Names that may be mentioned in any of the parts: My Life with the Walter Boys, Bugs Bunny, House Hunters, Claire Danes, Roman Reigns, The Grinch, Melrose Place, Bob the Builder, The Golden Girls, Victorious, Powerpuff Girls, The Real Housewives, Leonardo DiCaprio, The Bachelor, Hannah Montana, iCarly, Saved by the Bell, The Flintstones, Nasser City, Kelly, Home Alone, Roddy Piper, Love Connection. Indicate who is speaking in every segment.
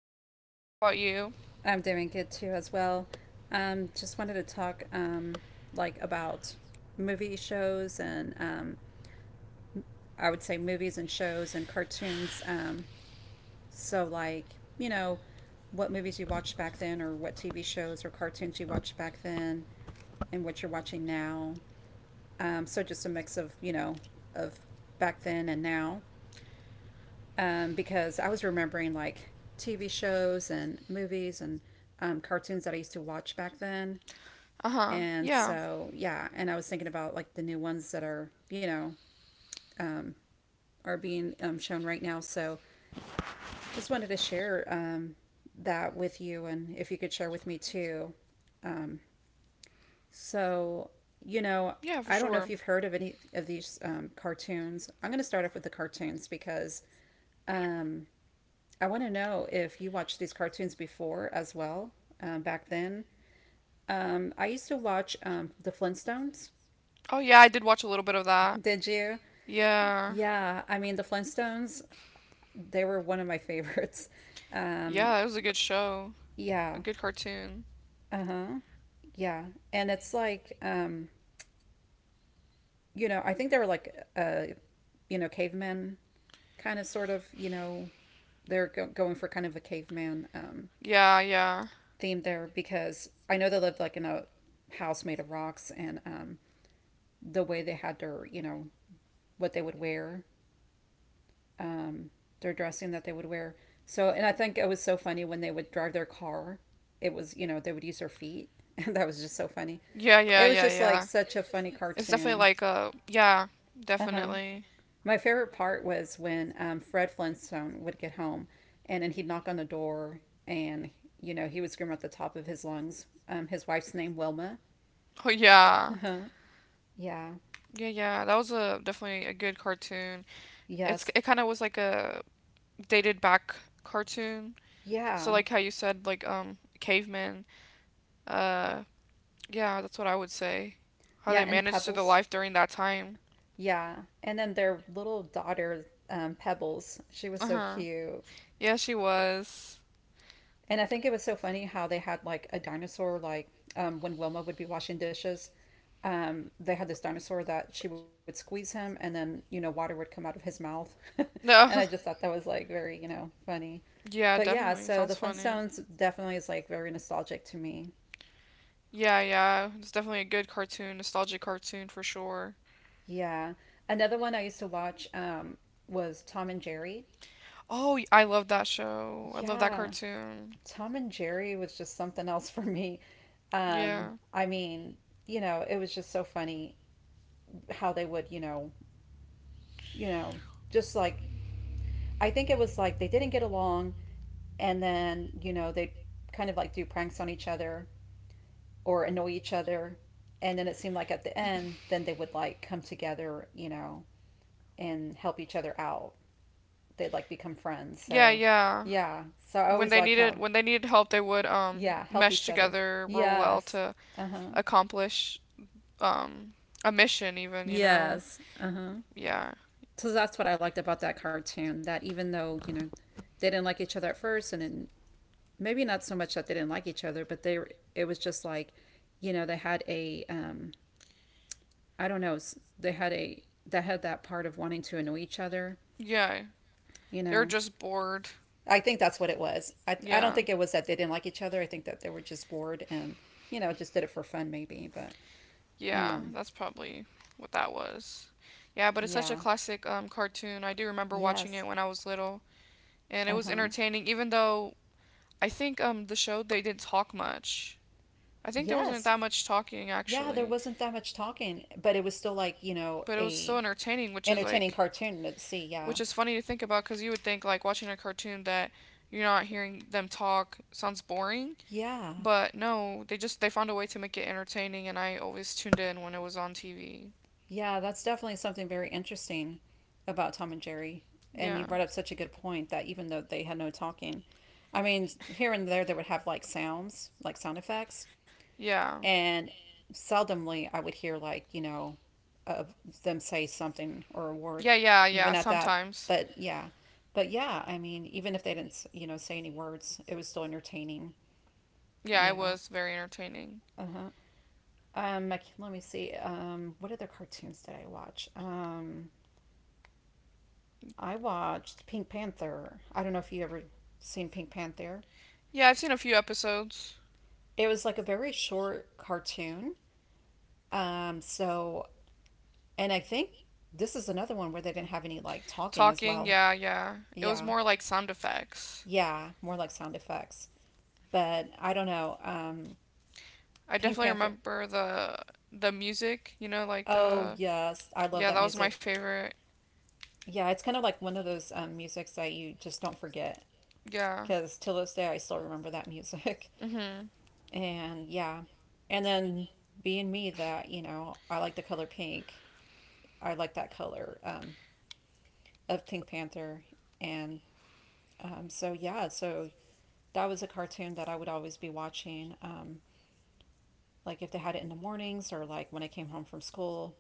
Speaker 1: I'm doing good. How about you?
Speaker 2: I'm doing good too, as well. Just wanted to talk, like about movie shows and, I would say movies and shows and cartoons. So you know, what movies you watched back then, or what TV shows or cartoons you watched back then, and what you're watching now. So just a mix of, you know, of back then and now. Because I was remembering like TV shows and movies and cartoons that I used to watch back then.
Speaker 1: Uh huh.
Speaker 2: And
Speaker 1: Yeah.
Speaker 2: so, yeah, and I was thinking about like the new ones that are, you know, are being shown right now. So just wanted to share that with you and if you could share with me too. So, you know,
Speaker 1: Yeah, for
Speaker 2: I don't know if
Speaker 1: sure.
Speaker 2: you've heard of any of these cartoons. I'm going to start off with the cartoons because um, I want to know if you watched these cartoons before as well back then. I used to watch The Flintstones.
Speaker 1: Oh, yeah, I did watch a little bit of that.
Speaker 2: Did you?
Speaker 1: Yeah.
Speaker 2: Yeah, I mean, the Flintstones, they were one of my favorites.
Speaker 1: Yeah, it was a good show. A
Speaker 2: Yeah.
Speaker 1: good cartoon.
Speaker 2: Uh huh. Yeah. And it's like, I think they were like, cavemen kind of sort of, you know, they're going for kind of a caveman
Speaker 1: Yeah, yeah.
Speaker 2: theme there because I know they lived like in a house made of rocks and the way they had their, you know, what they would wear um, their dressing that they would wear. So, and I think it was so funny when they would drive their car. It was, you know, they would use their feet. And that was just
Speaker 1: Yeah,
Speaker 2: so
Speaker 1: yeah,
Speaker 2: funny.
Speaker 1: yeah, yeah.
Speaker 2: It was just like such a
Speaker 1: It's
Speaker 2: funny
Speaker 1: definitely like
Speaker 2: cartoon.
Speaker 1: a. Yeah,
Speaker 2: Uh huh.
Speaker 1: definitely.
Speaker 2: My favorite part was when Fred Flintstone would get home and then he'd knock on the door and, you know, he would scream at the top of his lungs his wife's name, Wilma.
Speaker 1: Oh,
Speaker 2: Uh
Speaker 1: yeah.
Speaker 2: huh. Yeah.
Speaker 1: Yeah, yeah. That was a definitely a good cartoon. It's
Speaker 2: Yes.
Speaker 1: it kind of was like a dated back cartoon. So
Speaker 2: Yeah.
Speaker 1: like how you said, like cavemen. Uh yeah, that's what I would say. How they
Speaker 2: Yeah. And
Speaker 1: managed to the
Speaker 2: Pebbles.
Speaker 1: life during that time.
Speaker 2: Yeah. And then their little daughter, Pebbles, she was
Speaker 1: Uh
Speaker 2: so
Speaker 1: huh.
Speaker 2: cute.
Speaker 1: Yeah, she was.
Speaker 2: And I think it was so funny how they had like a dinosaur, like when Wilma would be washing dishes, they had this dinosaur that she would squeeze him and then, you know, water would come out of his mouth. And I just
Speaker 1: No.
Speaker 2: thought that was like very, you know, funny.
Speaker 1: Yeah,
Speaker 2: But yeah,
Speaker 1: definitely.
Speaker 2: so the
Speaker 1: Sounds funny.
Speaker 2: Flintstones definitely is like very nostalgic to me.
Speaker 1: Yeah, yeah. It's definitely a good cartoon, nostalgic cartoon for sure.
Speaker 2: Yeah. Another one I used to watch was Tom and Jerry.
Speaker 1: Oh, I love that show. I love that
Speaker 2: Yeah.
Speaker 1: cartoon.
Speaker 2: Tom and Jerry was just something else for me.
Speaker 1: Yeah.
Speaker 2: I mean, you know, it was just so funny how they would, you know, just like I think it was like they didn't get along and then, you know, they kind of like do pranks on each other or annoy each other and then it seemed like at the end then they would like come together, you know, and help each other out. They'd like become friends.
Speaker 1: Yeah,
Speaker 2: So
Speaker 1: yeah.
Speaker 2: yeah. So I
Speaker 1: When
Speaker 2: always
Speaker 1: they
Speaker 2: liked
Speaker 1: needed
Speaker 2: how
Speaker 1: when they needed help, they would
Speaker 2: yeah, help
Speaker 1: mesh
Speaker 2: each other.
Speaker 1: together real well
Speaker 2: Yes.
Speaker 1: to
Speaker 2: Uh-huh.
Speaker 1: accomplish um a mission even, you know.
Speaker 2: Yes. Uh-huh.
Speaker 1: Yeah.
Speaker 2: So that's what I liked about that cartoon that even though, you know, they didn't like each other at first and then maybe not so much that they didn't like each other, but it was just like, you know, they had a I don't know, they had a that had that part of wanting to annoy each other,
Speaker 1: Yeah.
Speaker 2: you
Speaker 1: They're
Speaker 2: know.
Speaker 1: just bored.
Speaker 2: I think that's what it was. I don't
Speaker 1: Yeah.
Speaker 2: think it was that they didn't like each other. I think that they were just bored and, you know, just did it for fun maybe, but
Speaker 1: Yeah,
Speaker 2: um
Speaker 1: that's probably what that was. Yeah, but it's such a
Speaker 2: yeah.
Speaker 1: classic cartoon. I do remember watching
Speaker 2: Yes.
Speaker 1: it when I was little, and it was
Speaker 2: Uh-huh.
Speaker 1: entertaining, even though I think the show, they didn't talk much. I think there wasn't
Speaker 2: Yes.
Speaker 1: that much talking
Speaker 2: Yeah, there
Speaker 1: actually,
Speaker 2: wasn't that much talking, but it was still like, you know,
Speaker 1: but it was so
Speaker 2: a
Speaker 1: entertaining, which is
Speaker 2: entertaining
Speaker 1: like.
Speaker 2: cartoon to see, yeah.
Speaker 1: Which is funny to think about, because you would think, like, watching a cartoon that you're not hearing them talk sounds boring.
Speaker 2: Yeah.
Speaker 1: But no, they found a way to make it entertaining, and I always tuned in when it was on TV.
Speaker 2: Yeah, that's definitely something very interesting about Tom and Jerry. And you
Speaker 1: Yeah.
Speaker 2: brought up such a good point that even though they had no talking, I mean, here and there they would have like sounds, like sound effects,
Speaker 1: Yeah.
Speaker 2: and seldomly I would hear like, you know, uh, them say something or a word,
Speaker 1: Yeah, yeah,
Speaker 2: even
Speaker 1: yeah,
Speaker 2: at that.
Speaker 1: sometimes.
Speaker 2: But yeah, but yeah, I mean, even if they didn't, you know, say any words, it was still entertaining.
Speaker 1: Yeah, it
Speaker 2: Yeah.
Speaker 1: was very entertaining.
Speaker 2: Uh huh. Let me see. What other cartoons did I watch? I watched Pink Panther. I don't know if you ever seen Pink Panther.
Speaker 1: Yeah, I've seen a few episodes.
Speaker 2: It was like a very short cartoon. So, and I think this is another one where they didn't have any like talking as
Speaker 1: Talking,
Speaker 2: well.
Speaker 1: yeah, yeah. It was
Speaker 2: Yeah.
Speaker 1: more like sound effects.
Speaker 2: Yeah. More like sound effects. But I don't know.
Speaker 1: I
Speaker 2: Pink
Speaker 1: definitely
Speaker 2: Panther.
Speaker 1: remember the music, you know, like
Speaker 2: Oh,
Speaker 1: the
Speaker 2: yes. I love
Speaker 1: Yeah,
Speaker 2: that
Speaker 1: that was my
Speaker 2: music.
Speaker 1: favorite.
Speaker 2: Yeah. It's kind of like one of those musics that you just don't forget
Speaker 1: Yeah.
Speaker 2: because till this day I still remember that music.
Speaker 1: Mm-hmm.
Speaker 2: And yeah. And then being me that, you know, I like the color pink. I like that color of Pink Panther. And so, yeah, so that was a cartoon that I would always be watching. Like if they had it in the mornings or like when I came home from school,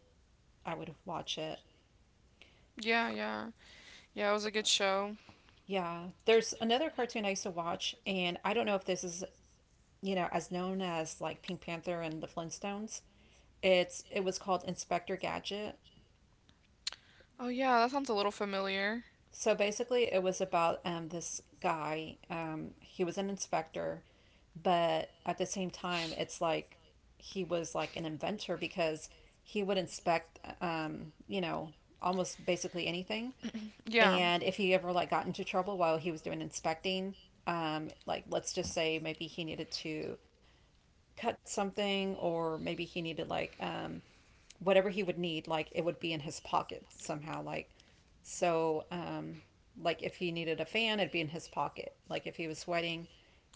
Speaker 2: I would watch it.
Speaker 1: Yeah, yeah. Yeah, it was a good show.
Speaker 2: Yeah, there's another cartoon I used to watch, and I don't know if this is you know as known as like Pink Panther and the Flintstones. It was called Inspector Gadget.
Speaker 1: Oh, yeah, that sounds a little familiar.
Speaker 2: So basically, it was about this guy. He was an inspector, but at the same time, it's like he was like an inventor because he would inspect, you know, almost basically anything.
Speaker 1: Yeah.
Speaker 2: And if he ever like got into trouble while he was doing inspecting, like let's just say maybe he needed to cut something, or maybe he needed like whatever he would need, like it would be in his pocket somehow. Like, so, like if he needed a fan, it'd be in his pocket. Like if he was sweating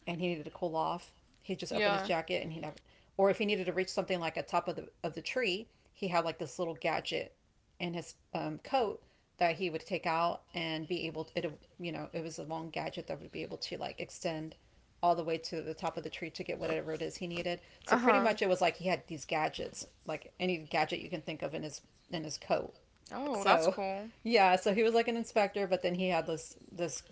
Speaker 2: and he needed to cool off, he'd just open his
Speaker 1: Yeah.
Speaker 2: jacket and he'd have, or if he needed to reach something like a top of the tree, he had like this little gadget in his coat that he would take out and be able to, it, you know, it was a long gadget that would be able to like extend all the way to the top of the tree to get whatever it is he needed. So pretty
Speaker 1: Uh-huh.
Speaker 2: much it was like he had these gadgets, like any gadget you can think of in his coat.
Speaker 1: Oh, that's
Speaker 2: So
Speaker 1: cool.
Speaker 2: yeah, so he was like an inspector, but then he had this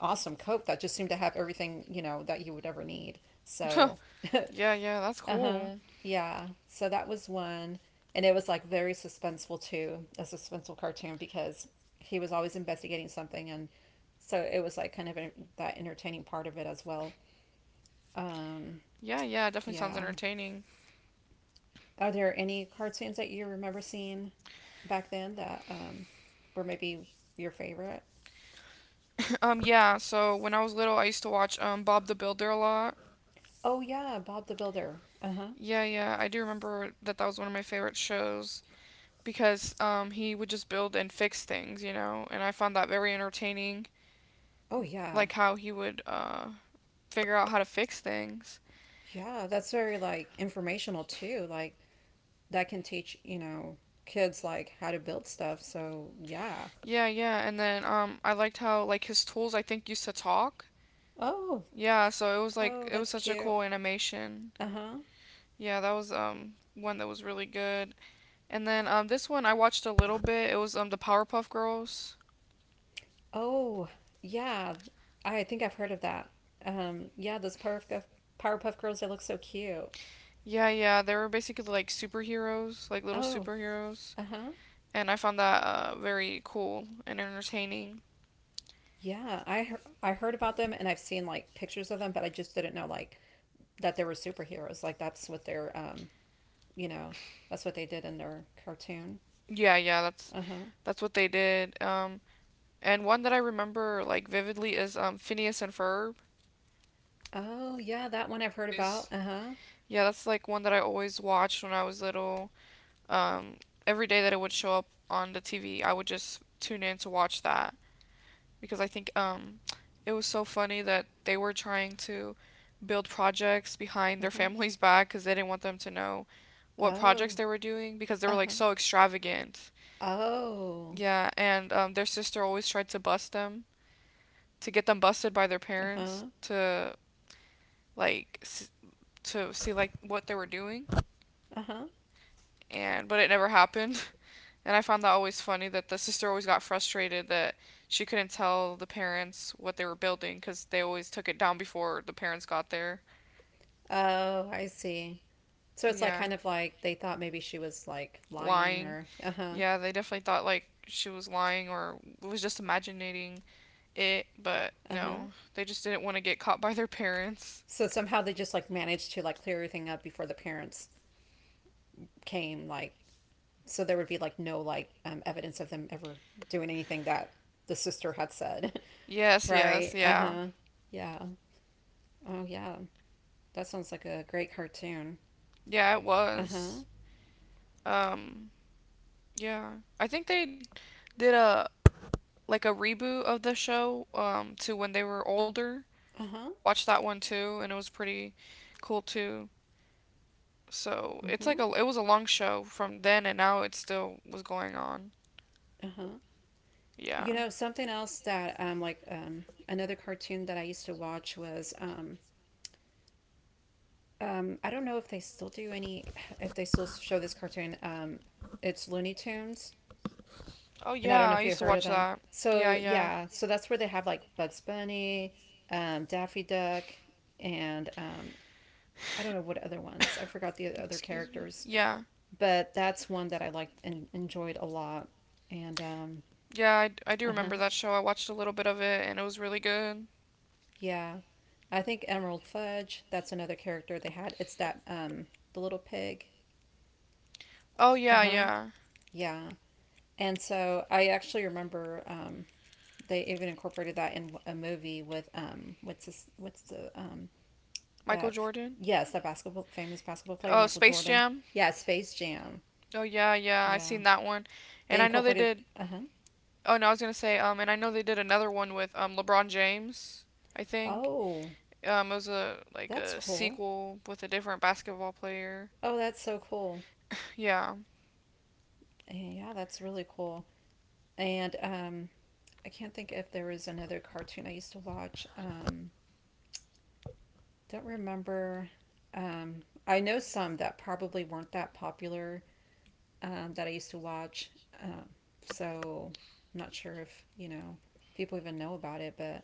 Speaker 2: awesome coat that just seemed to have everything, you know, that you would ever need. So
Speaker 1: Yeah, yeah, that's
Speaker 2: Uh-huh.
Speaker 1: cool.
Speaker 2: Yeah. So that was one. And it was like very suspenseful too, a suspenseful cartoon because he was always investigating something and so it was like kind of that entertaining part of it as well. Um,
Speaker 1: Yeah, yeah, it definitely sounds
Speaker 2: yeah.
Speaker 1: entertaining.
Speaker 2: Are there any cartoons that you remember seeing back then that were maybe your favorite?
Speaker 1: Yeah, so when I was little, I used to watch Bob the Builder a lot.
Speaker 2: Oh yeah, Bob the Builder. Uh-huh.
Speaker 1: Yeah, yeah, I do remember that was one of my favorite shows because he would just build and fix things, you know, and I found that very entertaining.
Speaker 2: Oh yeah.
Speaker 1: Like how he would figure out how to fix things.
Speaker 2: Yeah, that's very like informational too. Like that can teach, you know, kids like how to build stuff. So, yeah.
Speaker 1: Yeah, yeah, and then I liked how like his tools, I think, used to talk.
Speaker 2: Oh,
Speaker 1: Yeah, so it was like
Speaker 2: oh,
Speaker 1: it was
Speaker 2: that's
Speaker 1: such a
Speaker 2: cute.
Speaker 1: cool animation.
Speaker 2: Uh huh.
Speaker 1: Yeah, that was one that was really good. And then this one I watched a little bit. It was the Powerpuff Girls.
Speaker 2: Oh, yeah. I think I've heard of that. Yeah, those Powerpuff Girls, they look so cute.
Speaker 1: Yeah, yeah, they were basically like superheroes, like little
Speaker 2: Oh,
Speaker 1: superheroes,
Speaker 2: uh huh.
Speaker 1: and I found that very cool and entertaining.
Speaker 2: Yeah, I heard about them and I've seen like pictures of them, but I just didn't know like that they were superheroes. Like that's what their you know, that's what they did in their cartoon.
Speaker 1: Yeah, yeah,
Speaker 2: Uh huh.
Speaker 1: that's what they did. Um, and one that I remember like vividly is Phineas and Ferb.
Speaker 2: Oh
Speaker 1: That's like
Speaker 2: yeah,
Speaker 1: something
Speaker 2: that
Speaker 1: I
Speaker 2: one I've heard
Speaker 1: always
Speaker 2: about. Uh huh.
Speaker 1: Yeah, that's like one that I always watched when I was little. Um, every day that it would show up on the TV, I would just tune in to watch that, because I think it was so funny that they were trying to build projects behind
Speaker 2: Uh
Speaker 1: their
Speaker 2: huh.
Speaker 1: family's back, cuz they didn't want them to know what
Speaker 2: Oh.
Speaker 1: projects they were doing, because they
Speaker 2: Uh
Speaker 1: were like
Speaker 2: huh.
Speaker 1: so extravagant.
Speaker 2: Oh.
Speaker 1: Yeah, and their sister always tried to bust them, to get them busted by their
Speaker 2: Uh huh.
Speaker 1: parents, to like s- to see like what they were doing,
Speaker 2: Uh huh.
Speaker 1: and but it never happened. And I found that always funny, that the sister always got frustrated that she couldn't tell the parents what they were building, because they always took it down before the parents got there.
Speaker 2: Oh, I see. So it's like
Speaker 1: Yeah,
Speaker 2: kind of like they thought maybe she was like lying
Speaker 1: lying.
Speaker 2: or uh huh.
Speaker 1: Yeah, they definitely thought like she was lying or was just imagining it, but
Speaker 2: Uh huh.
Speaker 1: no, they just didn't want to get caught by their parents.
Speaker 2: So somehow they just like managed to like clear everything up before the parents came. Like so there would be like no like evidence of them ever doing anything that the sister had said.
Speaker 1: Yes, yes,
Speaker 2: Right. Uh
Speaker 1: yeah.
Speaker 2: huh. Yeah. Oh yeah. That sounds like a great cartoon.
Speaker 1: Yeah, it
Speaker 2: Uh huh.
Speaker 1: was. Um, yeah. I think they did a like a reboot of the show to when they were older,
Speaker 2: Uh
Speaker 1: and
Speaker 2: huh.
Speaker 1: I watched that one too, and it was pretty cool too. So, it's
Speaker 2: Mm-hmm.
Speaker 1: like a it was a long show from then, and now it still was going on.
Speaker 2: Uh-huh.
Speaker 1: Yeah.
Speaker 2: You know, something else that another cartoon that I used to watch was I don't know if they still do any if they still show this cartoon it's Looney Tunes
Speaker 1: Oh
Speaker 2: and I don't
Speaker 1: yeah,
Speaker 2: know
Speaker 1: I
Speaker 2: if you
Speaker 1: used to
Speaker 2: heard of
Speaker 1: watch
Speaker 2: them.
Speaker 1: that. Yeah,
Speaker 2: So
Speaker 1: yeah.
Speaker 2: yeah, so that's where they have like Bugs Bunny, Daffy Duck and I don't know what other ones. I forgot the other
Speaker 1: Excuse me.
Speaker 2: characters,
Speaker 1: Yeah.
Speaker 2: but that's one that I liked and enjoyed a lot. And
Speaker 1: Yeah, I do
Speaker 2: uh-huh.
Speaker 1: remember that show. I watched a little bit of it and it was really good.
Speaker 2: Yeah. I think Emerald Fudge, that's another character they had. It's that the little pig.
Speaker 1: Oh yeah,
Speaker 2: Uh-huh.
Speaker 1: yeah.
Speaker 2: Yeah. And so I actually remember they even incorporated that in a movie with what's this what's the
Speaker 1: Michael
Speaker 2: that
Speaker 1: Jordan.
Speaker 2: yes, that basketball famous basketball player
Speaker 1: Oh,
Speaker 2: Michael
Speaker 1: Space
Speaker 2: Jordan.
Speaker 1: Jam.
Speaker 2: Yeah, Space Jam.
Speaker 1: Oh yeah, yeah, I
Speaker 2: Yeah,
Speaker 1: seen that one, and
Speaker 2: they
Speaker 1: I know they
Speaker 2: incorporated,
Speaker 1: did.
Speaker 2: uh-huh.
Speaker 1: Oh no, I was gonna say, and I know they did another one with LeBron James. I think,
Speaker 2: Oh,
Speaker 1: it was a like
Speaker 2: that's
Speaker 1: a
Speaker 2: cool.
Speaker 1: sequel with a different basketball player.
Speaker 2: Oh, that's so cool.
Speaker 1: Yeah,
Speaker 2: Yeah, that's really cool. And I can't think if there was another cartoon I used to watch. Don't remember. I know some that probably weren't that popular that I used to watch. Um, so I'm not sure if you know people even know about it, but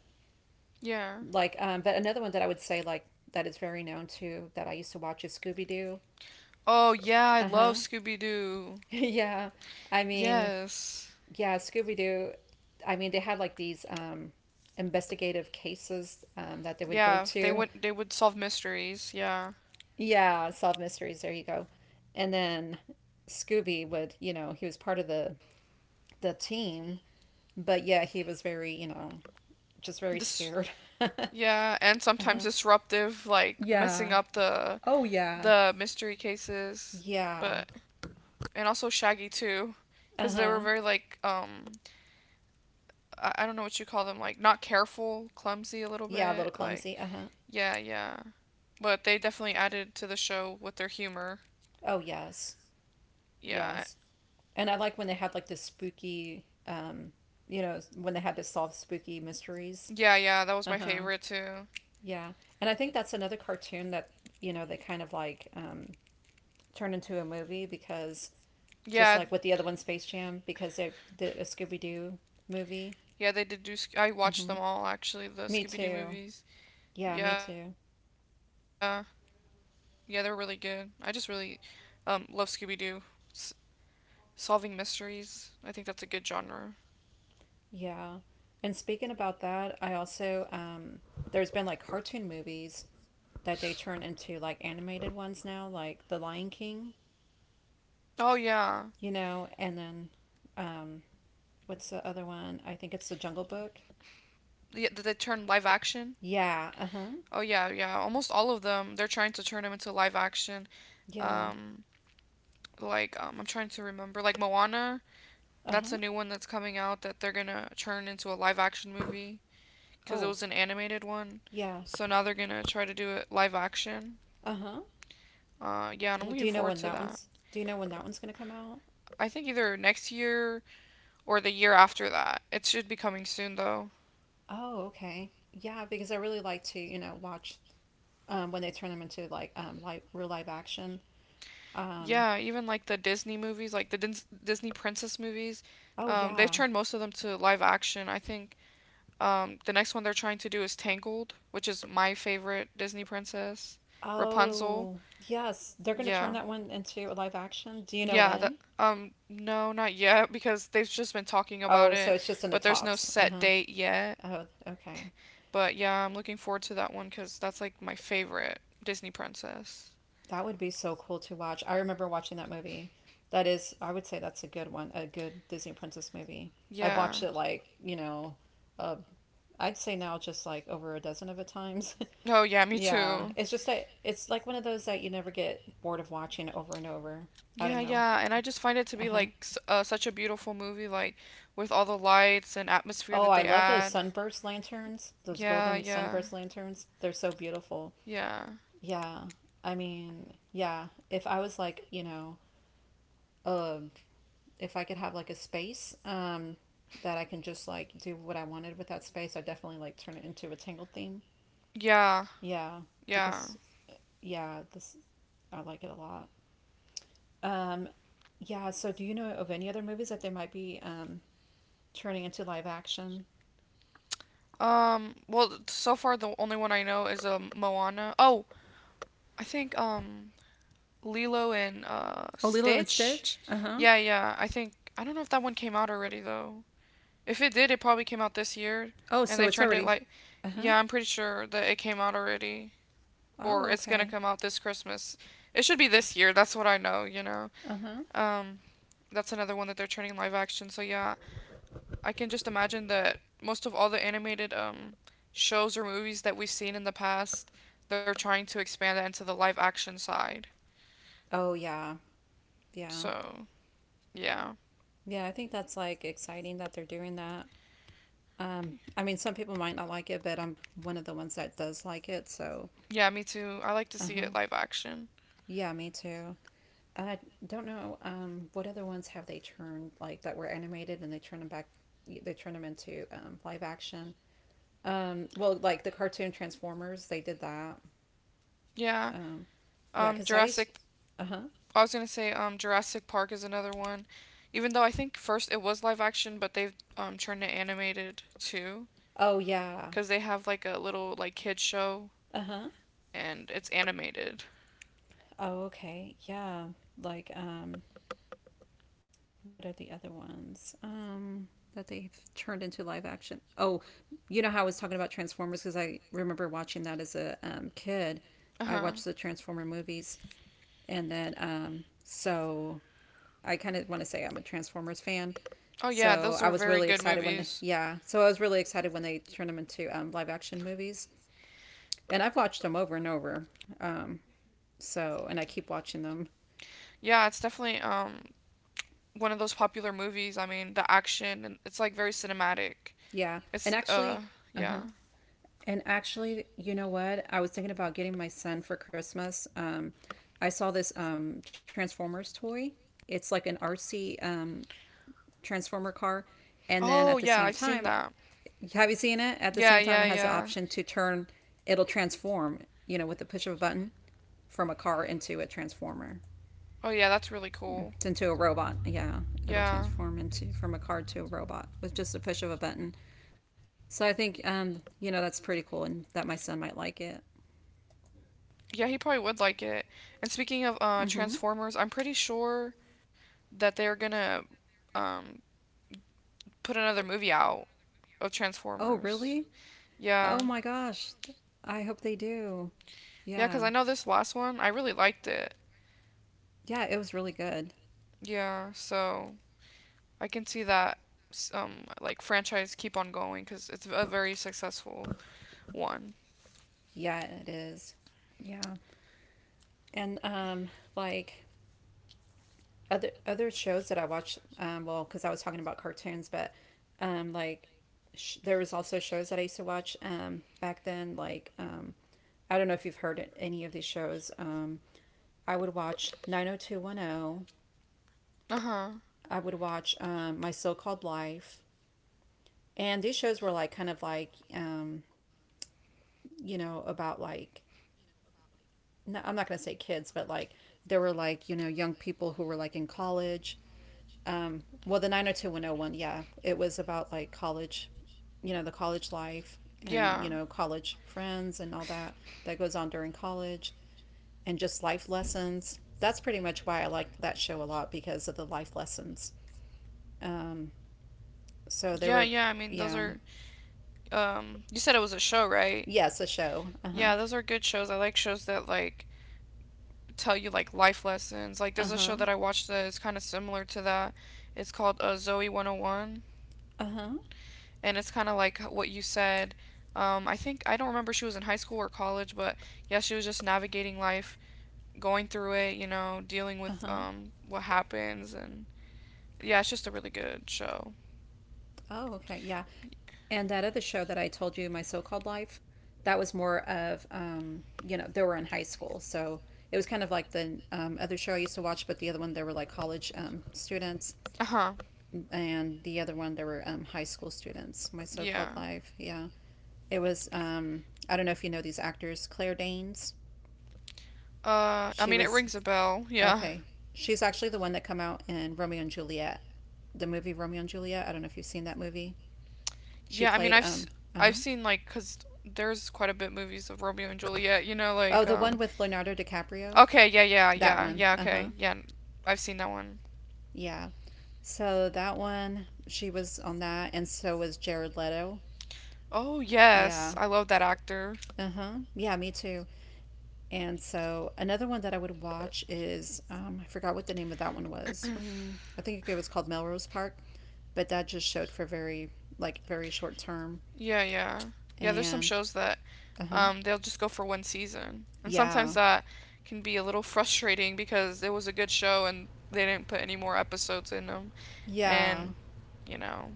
Speaker 1: yeah.
Speaker 2: but another one that I would say, like, that is very known too that I used to watch is Scooby Doo.
Speaker 1: Oh yeah, I
Speaker 2: Uh huh.
Speaker 1: love Scooby Doo.
Speaker 2: Yeah. I mean,
Speaker 1: Yes.
Speaker 2: yeah, Scooby Doo. I mean, they had like these investigative cases, that they would go
Speaker 1: Yeah, they
Speaker 2: to.
Speaker 1: would they would solve mysteries. Yeah.
Speaker 2: Yeah, solve mysteries. There you go. And then Scooby would, you know, he was part of the team, but yeah, he was very, you know, just very
Speaker 1: This.
Speaker 2: scared. Uh-huh.
Speaker 1: Yeah, and sometimes disruptive, like messing
Speaker 2: Yeah.
Speaker 1: up the
Speaker 2: Oh yeah.
Speaker 1: mystery cases.
Speaker 2: Yeah.
Speaker 1: But, and also Shaggy too,
Speaker 2: Uh
Speaker 1: because they
Speaker 2: huh.
Speaker 1: were very like I don't know what you call them, like not careful, clumsy a little
Speaker 2: Yeah, a little
Speaker 1: bit like.
Speaker 2: clumsy. Uh huh.
Speaker 1: Yeah yeah, but they definitely added to the show with their humor.
Speaker 2: Oh yes.
Speaker 1: Yeah,
Speaker 2: Yes. And I like when they had like this spooky, you know, when they had to solve spooky mysteries.
Speaker 1: yeah, yeah, that was
Speaker 2: Uh
Speaker 1: my
Speaker 2: huh.
Speaker 1: favorite too.
Speaker 2: Yeah. And I think that's another cartoon that you know they kind of like turned into a movie because just
Speaker 1: Yeah,
Speaker 2: like with the other one, Space Jam, because they did a Scooby Doo movie.
Speaker 1: yeah, they did do Sc- I watched
Speaker 2: Hmm.
Speaker 1: them all actually, the
Speaker 2: Me
Speaker 1: Scooby Doo
Speaker 2: too.
Speaker 1: movies.
Speaker 2: Yeah, me
Speaker 1: Yeah,
Speaker 2: too.
Speaker 1: yeah, they were really good. I just really love Scooby Doo. S- Solving mysteries. I think that's a good genre.
Speaker 2: Yeah. And speaking about that, I also there's been like cartoon movies that they turn into like animated ones now, like The Lion King,
Speaker 1: Oh yeah.
Speaker 2: you know, and then um, what's the other one? I think it's The Jungle Book.
Speaker 1: Yeah, did they turn live action?
Speaker 2: Yeah. Uh huh.
Speaker 1: Oh yeah, yeah. Almost all of them. They're trying to turn them into live action.
Speaker 2: Yeah.
Speaker 1: Um, like I'm trying to remember. Like Moana.
Speaker 2: Uh
Speaker 1: That's a
Speaker 2: huh.
Speaker 1: new one that's coming out that they're gonna turn into a live action movie, because it
Speaker 2: Oh
Speaker 1: was an animated one.
Speaker 2: yeah.
Speaker 1: So now they're gonna try to do it live action.
Speaker 2: Uh huh.
Speaker 1: Yeah, and I'm
Speaker 2: Do
Speaker 1: looking
Speaker 2: you know
Speaker 1: forward
Speaker 2: when
Speaker 1: to
Speaker 2: that
Speaker 1: that.
Speaker 2: one's? Do you know when that one's gonna come out?
Speaker 1: I think either next year or the year after that. It should be coming soon though.
Speaker 2: Oh, okay. Yeah, because I really like to, you know, watch when they turn them into like live, real live action. Um,
Speaker 1: Yeah, even like the Disney movies, like the Disney princess movies,
Speaker 2: oh,
Speaker 1: they've
Speaker 2: yeah.
Speaker 1: turned most of them to live action. I think the next one they're trying to do is Tangled, which is my favorite Disney princess. Rapunzel.
Speaker 2: Oh, yes. They're going to turn
Speaker 1: Yeah.
Speaker 2: that one into a live action. Do you know
Speaker 1: Yeah, that
Speaker 2: when?
Speaker 1: Um, no, not yet, because they've just been talking about
Speaker 2: Oh, so
Speaker 1: it,
Speaker 2: it's just in the
Speaker 1: but there's no
Speaker 2: talks. Uh
Speaker 1: set
Speaker 2: huh.
Speaker 1: date yet.
Speaker 2: Oh, okay.
Speaker 1: But yeah, I'm looking forward to that one, because that's like my favorite Disney princess.
Speaker 2: That would be so cool to watch. I remember watching that movie. I would say that's a good one, a good Disney princess movie. I've
Speaker 1: Yeah.
Speaker 2: watched it like, you know, uh, I'd say now just like over a dozen of a times.
Speaker 1: Oh yeah, me
Speaker 2: Yeah,
Speaker 1: too.
Speaker 2: it's like one of those that you never get bored of watching over and over. I
Speaker 1: Yeah,
Speaker 2: don't know.
Speaker 1: yeah, and I just find it to
Speaker 2: Uh
Speaker 1: be
Speaker 2: huh.
Speaker 1: like such a beautiful movie, like with all the lights and atmosphere
Speaker 2: Oh,
Speaker 1: that
Speaker 2: I
Speaker 1: they
Speaker 2: love those
Speaker 1: add.
Speaker 2: sunburst lanterns. Those
Speaker 1: Yeah,
Speaker 2: golden
Speaker 1: yeah,
Speaker 2: sunburst lanterns. They're so beautiful.
Speaker 1: yeah,
Speaker 2: Yeah. I mean, yeah. If I was like, you know, uh, if I could have like a space, that I can just like do what I wanted with that space, I'd definitely like turn it into a Tangled theme.
Speaker 1: yeah,
Speaker 2: Yeah,
Speaker 1: yeah.
Speaker 2: because yeah, this I like it a lot. Um, yeah. So, do you know of any other movies that they might be turning into live action?
Speaker 1: Well, so far the only one I know is Moana. Oh, I think Lilo and
Speaker 2: Oh, Lilo and
Speaker 1: Stitch.
Speaker 2: Stitch? Uh huh.
Speaker 1: Yeah, yeah. I think I don't know if that one came out already though. If it did, it probably came out this year
Speaker 2: Oh,
Speaker 1: and
Speaker 2: so
Speaker 1: they
Speaker 2: it's
Speaker 1: turned it
Speaker 2: already.
Speaker 1: like.
Speaker 2: Uh huh.
Speaker 1: Yeah, I'm pretty sure that it came out already or
Speaker 2: Oh,
Speaker 1: it's going to
Speaker 2: okay.
Speaker 1: come out this Christmas. It should be this year. That's what I know, you know.
Speaker 2: Uh huh.
Speaker 1: Um, that's another one that they're turning live action. So yeah, I can just imagine that most of all the animated shows or movies that we've seen in the past, they're trying to expand that into the live action side.
Speaker 2: Oh, yeah. Yeah.
Speaker 1: So, yeah.
Speaker 2: Yeah. I think that's like exciting that they're doing that. I mean, some people might not like it, but I'm one of the ones that does like it. So,
Speaker 1: Yeah, me too. I like to
Speaker 2: uh
Speaker 1: see
Speaker 2: huh.
Speaker 1: it live action.
Speaker 2: Yeah, me too. I don't know. What other ones have they turned like that were animated and they turn them back? They turn them into live action. Well, like the cartoon Transformers, they did that.
Speaker 1: Yeah.
Speaker 2: Um, yeah,
Speaker 1: Jurassic.
Speaker 2: uh huh.
Speaker 1: I was gonna say Jurassic Park is another one, even though I think first it was live action, but they've turned it animated too,
Speaker 2: Oh yeah,
Speaker 1: cause they have like a little like kid show,
Speaker 2: uh huh.
Speaker 1: and it's animated.
Speaker 2: Oh okay, yeah. Like what are the other ones? That they've turned into live action. Oh, you know how I was talking about Transformers because I remember watching that as a kid.
Speaker 1: Uh
Speaker 2: I
Speaker 1: huh.
Speaker 2: watched the Transformer movies, and then I kind of want to say I'm a Transformers fan.
Speaker 1: Oh yeah,
Speaker 2: So
Speaker 1: those
Speaker 2: I
Speaker 1: are
Speaker 2: was
Speaker 1: very
Speaker 2: really
Speaker 1: good
Speaker 2: excited
Speaker 1: movies.
Speaker 2: yeah. So I was really excited when they turned them into live action movies, and I've watched them over and over. Um, so and I keep watching them.
Speaker 1: Yeah, it's definitely one of those popular movies. I mean, the action, and it's like very cinematic.
Speaker 2: Yeah, and
Speaker 1: It's
Speaker 2: actually, uh huh.
Speaker 1: Yeah.
Speaker 2: And actually, you know what? I was thinking about getting my son for Christmas. I saw this Transformers toy. It's like an artsy Transformer car, and then at
Speaker 1: Oh
Speaker 2: the same
Speaker 1: yeah, I've
Speaker 2: time,
Speaker 1: seen that.
Speaker 2: have you seen it? At the
Speaker 1: Yeah,
Speaker 2: same time,
Speaker 1: yeah,
Speaker 2: it has the
Speaker 1: yeah.
Speaker 2: option to turn. It'll transform. You know, with the push of a button from a car into a transformer,
Speaker 1: Oh yeah, that's really cool.
Speaker 2: it's into a robot. Yeah, it'll
Speaker 1: Yeah.
Speaker 2: transform into from a car to a robot with just a push of a button. So I think you know that's pretty cool and that my son might like it.
Speaker 1: Yeah, he probably would like it. And speaking of
Speaker 2: Mm-hmm.
Speaker 1: Transformers, I'm pretty sure that they're gonna um, put another movie out of
Speaker 2: Oh
Speaker 1: Transformers.
Speaker 2: really?
Speaker 1: Yeah,
Speaker 2: Oh my gosh, I hope they do.
Speaker 1: yeah, because
Speaker 2: Yeah.
Speaker 1: I know this last one, I really liked it.
Speaker 2: Yeah, it was really good.
Speaker 1: Yeah, so I can see that like franchise keep on going, because it's a very successful one.
Speaker 2: Yeah, it is. Yeah. and like other shows that I watched. Well, because I was talking about cartoons, but um, like there was also shows that I used to watch back then. Like I don't know if you've heard any of these shows. I would watch 90210.
Speaker 1: Uh huh.
Speaker 2: I would watch My So Called Life, and these shows were like kind of like you know about like no, I'm not gonna say kids, but like there were like you know young people who were like in college. Well, the 90210 one, oh one, yeah, it was about like college, you know, the college life and,
Speaker 1: Yeah.
Speaker 2: you know, college friends and all that that goes on during college and just life lessons. That's pretty much why I liked that show a lot because of the life lessons. Um, so there
Speaker 1: Yeah,
Speaker 2: were,
Speaker 1: yeah. I mean, those
Speaker 2: yeah,
Speaker 1: are. You said it was a show, right?
Speaker 2: yes, a show. Uh huh.
Speaker 1: Yeah, those are good shows. I like shows that like tell you like life lessons. Like
Speaker 2: Uh
Speaker 1: there's a show
Speaker 2: huh.
Speaker 1: that I watched that is kind of similar to that. It's called Zoe 101,
Speaker 2: Uh huh.
Speaker 1: and it's kind of like what you said. I think I don't remember she was in high school or college, but yeah, she was just navigating life, going through it, you know, dealing
Speaker 2: Uh
Speaker 1: with
Speaker 2: huh.
Speaker 1: what happens, and yeah, it's just a really good show.
Speaker 2: Oh, okay. Yeah. And that other show that I told you, My So Called Life, that was more of, you know, they were in high school. So it was kind of like the other show I used to watch, but the other one, they were like college students.
Speaker 1: Uh huh.
Speaker 2: And the other one, they were high school students, My So Called
Speaker 1: Yeah.
Speaker 2: Life. Yeah. It was, I don't know if you know these actors, Claire Danes.
Speaker 1: I
Speaker 2: She
Speaker 1: mean, it
Speaker 2: was,
Speaker 1: rings a bell. Yeah.
Speaker 2: okay. She's actually the one that come out in Romeo and Juliet, the movie Romeo and Juliet. I don't know if you've seen that movie. She
Speaker 1: Yeah. I mean,
Speaker 2: played, um, uh huh.
Speaker 1: I've seen like, cause there's quite a bit movies of Romeo and Juliet.
Speaker 2: Oh, the one with Leonardo DiCaprio?
Speaker 1: Okay, yeah, yeah,
Speaker 2: That
Speaker 1: yeah,
Speaker 2: one.
Speaker 1: yeah,
Speaker 2: Uh huh.
Speaker 1: okay. I've seen that one.
Speaker 2: Yeah. So that one, she was on that, and so was Jared Leto.
Speaker 1: Oh, yes.
Speaker 2: Yeah.
Speaker 1: I love that actor.
Speaker 2: Uh huh. Yeah, me too. And so another one that I would watch is I forgot what the name of that one was. Mm, I think it was called Melrose Park, but that just showed for very short term.
Speaker 1: Yeah, yeah. Yeah, there's some
Speaker 2: And
Speaker 1: shows that
Speaker 2: uh huh.
Speaker 1: they'll just go for one season. And
Speaker 2: Yeah.
Speaker 1: sometimes that can be a little frustrating because it was a good show and they didn't put any more episodes in them.
Speaker 2: Yeah.
Speaker 1: And, you know,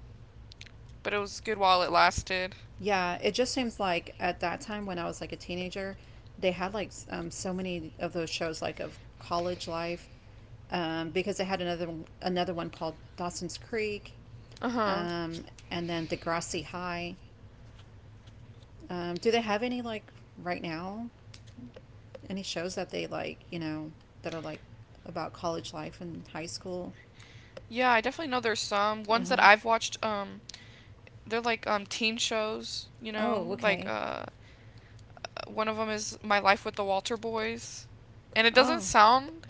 Speaker 1: but it was good while it lasted.
Speaker 2: Yeah, it just seems like at that time when I was like a teenager, they had like so many of those shows like of college life because they had another one called Dawson's Creek,
Speaker 1: Uh-huh.
Speaker 2: um, and then Degrassi High. Do they have any like right now? Any shows that they like you know that are like about college life and high school?
Speaker 1: Yeah, I definitely know there's some
Speaker 2: Uh
Speaker 1: ones
Speaker 2: huh.
Speaker 1: that I've watched, they're like teen shows,
Speaker 2: Oh okay.
Speaker 1: one of them is My Life with the Walter Boys. And it doesn't
Speaker 2: Oh.
Speaker 1: sound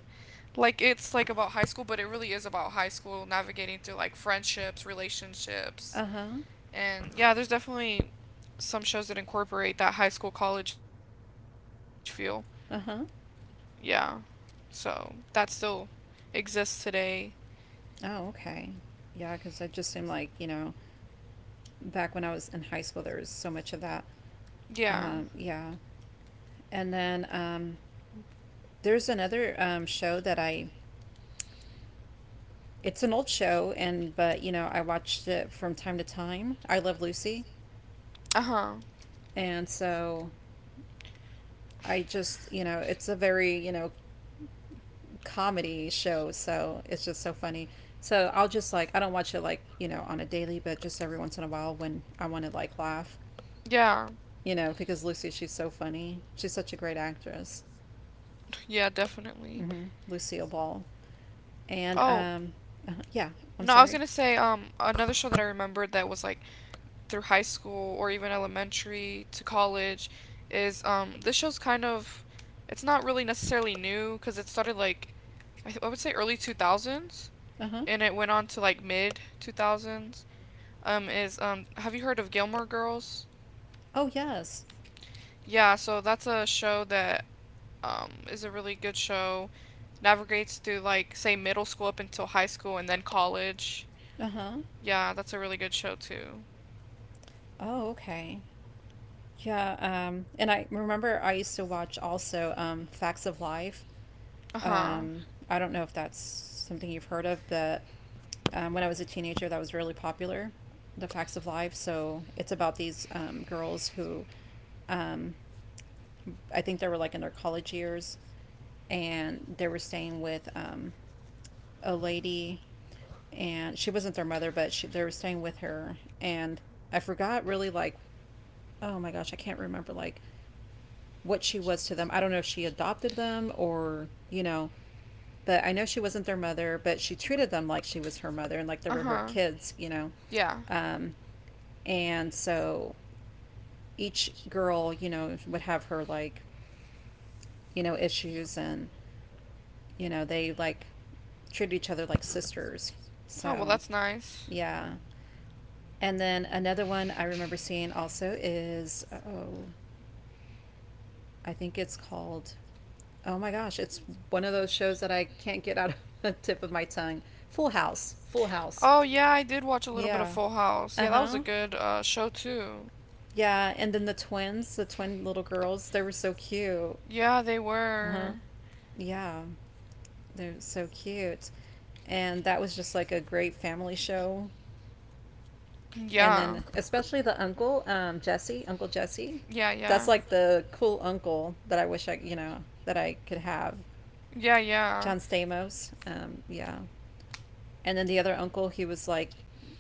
Speaker 1: like it's like about high school, but it really is about high school navigating through like friendships, relationships.
Speaker 2: Uh huh.
Speaker 1: And yeah, there's definitely some shows that incorporate that high school college feel.
Speaker 2: Uh huh.
Speaker 1: Yeah. So that still exists today.
Speaker 2: Oh okay. Yeah, because it just seemed like you know back when I was in high school, there was so much of that.
Speaker 1: Yeah.
Speaker 2: Yeah. And then there's another show that I. It's an old show, and but you know I watched it from time to time. I love Lucy,
Speaker 1: Uh huh.
Speaker 2: and so I just you know it's a very you know comedy show, so it's just so funny. So I'll just like I don't watch it like you know on a daily, but just every once in a while when I want to like laugh,
Speaker 1: Yeah.
Speaker 2: you know, because Lucy she's so funny. She's such a great actress.
Speaker 1: Yeah, definitely.
Speaker 2: Hmm. Lucille Ball. And
Speaker 1: Oh,
Speaker 2: yeah, I'm
Speaker 1: no, I was
Speaker 2: sorry.
Speaker 1: gonna say, another show that I remembered that was like through high school or even elementary to college is, this show's kind of it's not really necessarily new because it started like I would say early 2000s
Speaker 2: Uh huh.
Speaker 1: and it went on to like mid 2000s, is have you heard of Gilmore Girls?
Speaker 2: Oh yes.
Speaker 1: Yeah, so that's a show that, is a really good show, navigates through like say middle school up until high school and then college.
Speaker 2: Uh huh.
Speaker 1: Yeah, that's a really good show too.
Speaker 2: Oh okay. Yeah. And I remember I used to watch also Facts of Life.
Speaker 1: Uh-huh.
Speaker 2: Um, I don't know if that's something you've heard of, but when I was a teenager, that was really popular. The Facts of Life. So it's about these girls who um, I think they were like in their college years, and they were staying with a lady, and she wasn't their mother, but they were staying with her, and I forgot really like, oh my gosh, I can't remember like what she was to them. I don't know if she adopted them or but I know she wasn't their mother, but she treated them like she was her mother and like they
Speaker 1: Uh
Speaker 2: were her
Speaker 1: huh.
Speaker 2: kids,
Speaker 1: Yeah.
Speaker 2: um, and so each girl, would have her like issues, and they like treated each other like sisters.
Speaker 1: Oh well,
Speaker 2: So,
Speaker 1: that's nice.
Speaker 2: yeah. And then another one I remember seeing also is, oh, I think it's called, oh my gosh, it's one of those shows that I can't get out of the tip of my tongue. Full House. Full House.
Speaker 1: Oh yeah, I did watch a little bit of
Speaker 2: Yeah.
Speaker 1: Full House.
Speaker 2: Uh
Speaker 1: Yeah, that was a
Speaker 2: huh.
Speaker 1: good show too.
Speaker 2: Yeah. And then the twins, the twin little girls, they were so cute.
Speaker 1: Yeah.
Speaker 2: Uh huh. Yeah. They're so cute. And that was just like a great family show, and
Speaker 1: Yeah.
Speaker 2: then especially the uncle, Jesse, Uncle Jesse.
Speaker 1: Yeah.
Speaker 2: That's
Speaker 1: Yeah.
Speaker 2: like the cool uncle that I wish I, that I could have.
Speaker 1: Yeah, yeah,
Speaker 2: John Stamos, yeah. And then the other uncle, he was like,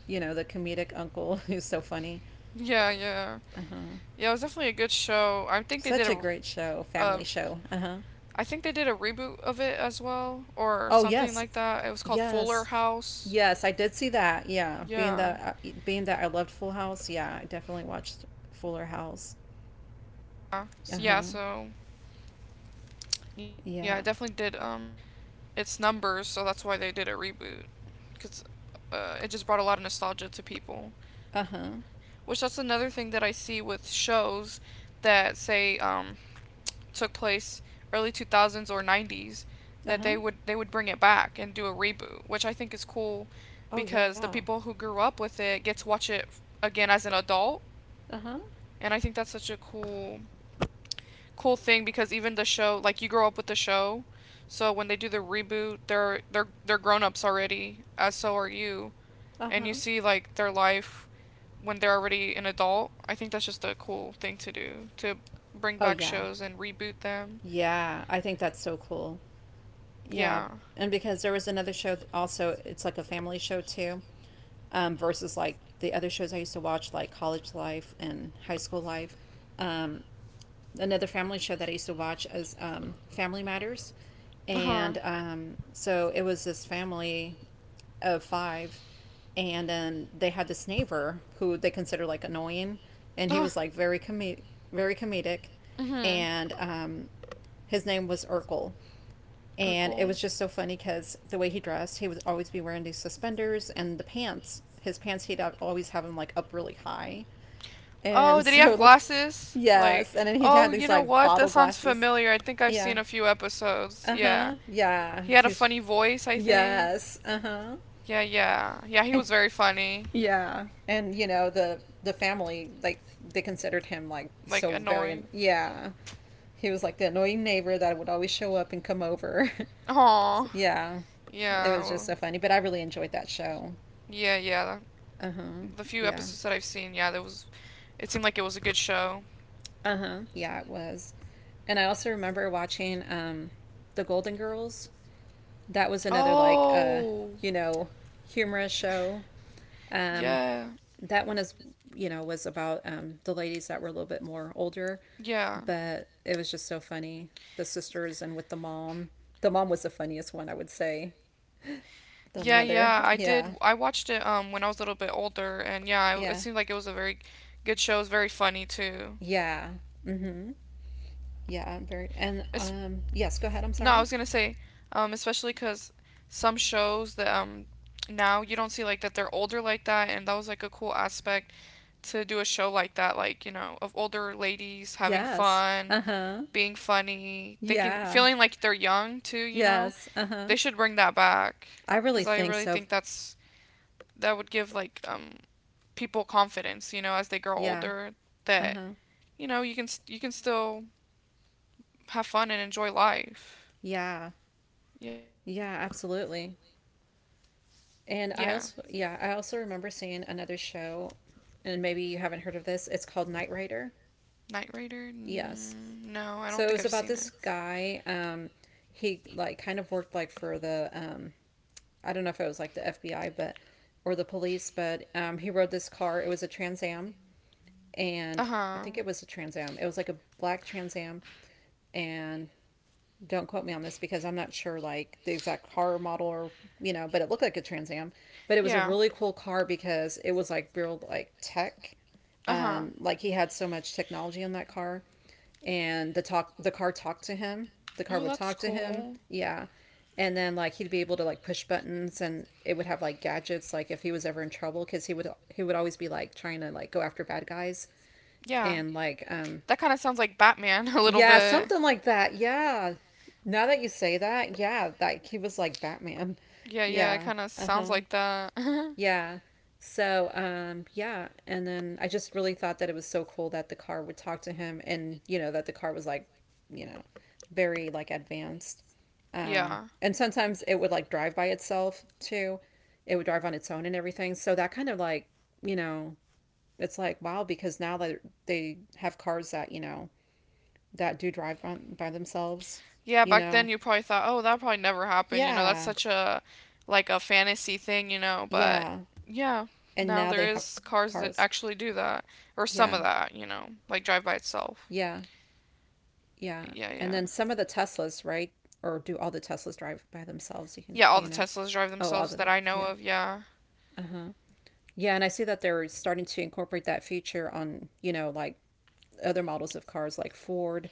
Speaker 2: the comedic uncle who's so funny.
Speaker 1: yeah, yeah,
Speaker 2: Uh huh.
Speaker 1: yeah. It was definitely a good show.
Speaker 2: Such a great show,
Speaker 1: A
Speaker 2: family show. Uh huh.
Speaker 1: I think they did a reboot of it as well, or
Speaker 2: Oh
Speaker 1: something
Speaker 2: yes,
Speaker 1: like that. It was called Fuller
Speaker 2: yes,
Speaker 1: House.
Speaker 2: yes. I did see that. Yeah, being
Speaker 1: Yeah.
Speaker 2: that uh, being that I loved Full House. Yeah, I definitely watched Fuller House.
Speaker 1: Yeah.
Speaker 2: Uh
Speaker 1: So, yeah,
Speaker 2: huh.
Speaker 1: so yeah, it definitely
Speaker 2: Yeah.
Speaker 1: did its numbers, so that's why they did a reboot cuz it just brought a lot of nostalgia to people.
Speaker 2: Uh huh.
Speaker 1: Which that's another thing that I see with shows that say, took place early 2000s or 90s,
Speaker 2: Uh
Speaker 1: that
Speaker 2: huh.
Speaker 1: they would bring it back and do a reboot, which I think is cool
Speaker 2: Oh, yeah.
Speaker 1: because the people who grew up with it get to watch it again as an adult.
Speaker 2: Uh huh.
Speaker 1: And I think that's such a cool thing because even the show like you grow up with the show. So when they do the reboot, they're grown-ups already, as so are you,
Speaker 2: Uh
Speaker 1: and you
Speaker 2: huh.
Speaker 1: see like their life when they're already an adult. I think that's just a cool thing to do, to bring
Speaker 2: Oh,
Speaker 1: back
Speaker 2: yeah.
Speaker 1: shows and reboot them.
Speaker 2: Yeah. I think that's so cool. Yeah.
Speaker 1: Yeah.
Speaker 2: And because there was another show, also, it's like a family show too, versus like the other shows I used to watch, like College Life and High School Life. Um, another family show that I used to watch as Family Matters,
Speaker 1: Uh-huh.
Speaker 2: and so it was this family of five, and then they had this neighbor who they consider like annoying, and he
Speaker 1: Uh-huh.
Speaker 2: was like very comedic,
Speaker 1: Mhm.
Speaker 2: and his name was Urkel, and it
Speaker 1: Urkel.
Speaker 2: was just so funny because the way he dressed, he would always be wearing these suspenders and the pants. His pants, he'd always have them like up really high. And
Speaker 1: Oh, did he have
Speaker 2: so, look,
Speaker 1: glasses? Like,
Speaker 2: yes. And then he'd
Speaker 1: oh,
Speaker 2: have
Speaker 1: you
Speaker 2: these
Speaker 1: know
Speaker 2: like
Speaker 1: what?
Speaker 2: bottle
Speaker 1: That sounds
Speaker 2: glasses.
Speaker 1: familiar. I think I've
Speaker 2: Yeah.
Speaker 1: seen a few episodes.
Speaker 2: Uh
Speaker 1: Yeah.
Speaker 2: huh. Yeah.
Speaker 1: He had a
Speaker 2: He's,
Speaker 1: funny voice, I think.
Speaker 2: yes. Uh huh.
Speaker 1: Yeah, yeah. Yeah, he
Speaker 2: And
Speaker 1: was very funny.
Speaker 2: yeah. And, the family, like, they considered him like
Speaker 1: Like,
Speaker 2: so very,
Speaker 1: annoying.
Speaker 2: yeah. He was like the annoying neighbor that would always show up and come over.
Speaker 1: Yeah. Aw.
Speaker 2: Yeah. It
Speaker 1: Yeah.
Speaker 2: was just
Speaker 1: Well,
Speaker 2: so funny, but I really enjoyed that show.
Speaker 1: yeah, yeah.
Speaker 2: Uh-huh.
Speaker 1: The few
Speaker 2: Yeah.
Speaker 1: episodes that I've seen, yeah, there was. It seemed like it was a good show.
Speaker 2: Uh-huh. Yeah, it was. And I also remember watching The Golden Girls. That was another like
Speaker 1: Oh.
Speaker 2: you know, humorous show. Um
Speaker 1: Yeah.
Speaker 2: that one is, was about the ladies that were a little bit more older,
Speaker 1: Yeah.
Speaker 2: but it was just so funny. The sisters and with the mom. The mom was the funniest one, I would say. The
Speaker 1: Yeah,
Speaker 2: mother.
Speaker 1: yeah, I
Speaker 2: Yeah.
Speaker 1: did. I watched it when I was a little bit older, and yeah, I, it
Speaker 2: Yeah.
Speaker 1: seemed like it was a very good show. It was very funny too.
Speaker 2: Yeah. Mhm. Yeah, I'm very and
Speaker 1: It's,
Speaker 2: yes, go ahead, I'm
Speaker 1: no, I
Speaker 2: sorry.
Speaker 1: was gonna say, especially because some shows that, now you don't see like that they're older like that, and that was like a cool aspect to do a show like that, like you know, of older ladies having
Speaker 2: Yes.
Speaker 1: fun,
Speaker 2: Uh-huh.
Speaker 1: being funny, thinking,
Speaker 2: Yeah.
Speaker 1: feeling like they're young too. You know,
Speaker 2: Yes. Uh-huh.
Speaker 1: they should bring that back
Speaker 2: I really
Speaker 1: because I
Speaker 2: think
Speaker 1: really
Speaker 2: so.
Speaker 1: think that's that would give like, people confidence, you know, as they grow
Speaker 2: Yeah.
Speaker 1: older, that
Speaker 2: Uh-huh.
Speaker 1: you know you can still have fun and enjoy life.
Speaker 2: Yeah.
Speaker 1: Yeah, yeah,
Speaker 2: Yeah, absolutely. And I
Speaker 1: yeah.
Speaker 2: also yeah, I also remember seeing another show, and maybe you haven't heard of this. It's called Knight Rider.
Speaker 1: Knight Rider?
Speaker 2: Yes.
Speaker 1: Mm, no, I don't
Speaker 2: So it
Speaker 1: think
Speaker 2: was
Speaker 1: I've
Speaker 2: about
Speaker 1: seen it.
Speaker 2: this guy he like kind of worked like for the I don't know if it was like the FBI but or the police, but he rode this car. It was a Trans Am,
Speaker 1: Uh
Speaker 2: and I
Speaker 1: huh.
Speaker 2: think it was a Trans Am. It was like a black Trans Am, and don't quote me on this because I'm not sure like the exact car model or but it looked like a Trans Am. But it was a
Speaker 1: Yeah.
Speaker 2: really cool car because it was like real like tech.
Speaker 1: Uh huh.
Speaker 2: Like he had so much technology in that car, and the car talked to him. The car
Speaker 1: Oh,
Speaker 2: would
Speaker 1: that's
Speaker 2: talk to him.
Speaker 1: cool.
Speaker 2: Yeah. And then like he'd be able to like push buttons, and it would have like gadgets like if he was ever in trouble because he would always be like trying to like go after bad guys
Speaker 1: Yeah.
Speaker 2: and like
Speaker 1: That kind of sounds like Batman a little
Speaker 2: yeah,
Speaker 1: bit.
Speaker 2: something like that. Yeah. Now that you say that, yeah, that he was like Batman.
Speaker 1: Yeah, yeah, it
Speaker 2: Yeah.
Speaker 1: kind of sounds
Speaker 2: Uh-huh.
Speaker 1: like that.
Speaker 2: Yeah. So, yeah, and then I just really thought that it was so cool that the car would talk to him, and, that the car was like, you know, very like advanced.
Speaker 1: Yeah.
Speaker 2: And sometimes it would like drive by itself too. It would drive on its own and everything. So that kind of like, you know, it's like, wow, because now that they have cars that, that do drive by themselves,
Speaker 1: Yeah,
Speaker 2: you
Speaker 1: back then
Speaker 2: know?
Speaker 1: you probably thought, "Oh, that probably never happened." You know, that's
Speaker 2: Yeah.
Speaker 1: such a like a fantasy thing, you know, but
Speaker 2: Yeah.
Speaker 1: yeah,
Speaker 2: And
Speaker 1: now
Speaker 2: now they
Speaker 1: there
Speaker 2: have
Speaker 1: is cars that
Speaker 2: cars.
Speaker 1: actually do that or some
Speaker 2: Yeah.
Speaker 1: of that, you know, like drive by
Speaker 2: Yeah.
Speaker 1: itself.
Speaker 2: Yeah.
Speaker 1: Yeah,
Speaker 2: And then
Speaker 1: yeah.
Speaker 2: some of the Teslas, right? Or do all the Teslas drive by themselves? You can,
Speaker 1: Yeah,
Speaker 2: do
Speaker 1: all
Speaker 2: you
Speaker 1: the
Speaker 2: know?
Speaker 1: Teslas drive
Speaker 2: Oh, all
Speaker 1: themselves
Speaker 2: of
Speaker 1: that
Speaker 2: them.
Speaker 1: I know
Speaker 2: Yeah.
Speaker 1: of, yeah.
Speaker 2: Uh huh. Yeah. And I see that they're starting to incorporate that feature on, like other models of cars like Ford.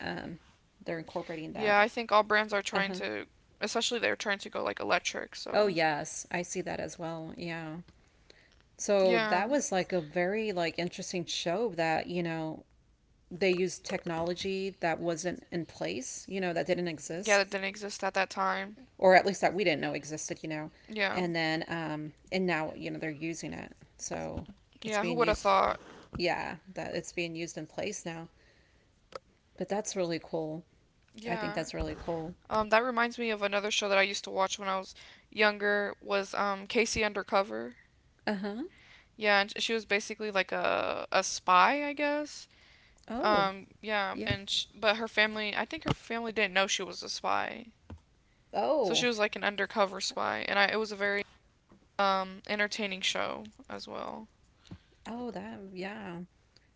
Speaker 2: Um, they're incorporating
Speaker 1: Yeah,
Speaker 2: that.
Speaker 1: I think all brands are
Speaker 2: Uh
Speaker 1: trying
Speaker 2: huh.
Speaker 1: to, especially they're trying to go like electric,
Speaker 2: Oh,
Speaker 1: so
Speaker 2: yes. I see that as well. Yeah. So
Speaker 1: yeah.
Speaker 2: that was like a very like interesting show that, they used technology that wasn't in place, that didn't
Speaker 1: Yeah,
Speaker 2: exist,
Speaker 1: that didn't exist at that time.
Speaker 2: or at least that we didn't know existed,
Speaker 1: Yeah.
Speaker 2: And then, and now, they're using it. So it's
Speaker 1: Yeah, who
Speaker 2: being
Speaker 1: would have
Speaker 2: used,
Speaker 1: thought?
Speaker 2: yeah, that it's being used in place now. But that's really cool. I think
Speaker 1: Yeah.
Speaker 2: that's really cool.
Speaker 1: That reminds me of another show that I used to watch when I was younger was, Casey Undercover.
Speaker 2: Uh huh.
Speaker 1: Yeah, and she was basically like a spy, I guess.
Speaker 2: Oh,
Speaker 1: Yeah,
Speaker 2: yeah.
Speaker 1: and sh but her family, I think her family didn't know she was a spy, so she
Speaker 2: Oh,
Speaker 1: was like an undercover spy, and I it was a very entertaining show as well.
Speaker 2: oh, that, yeah.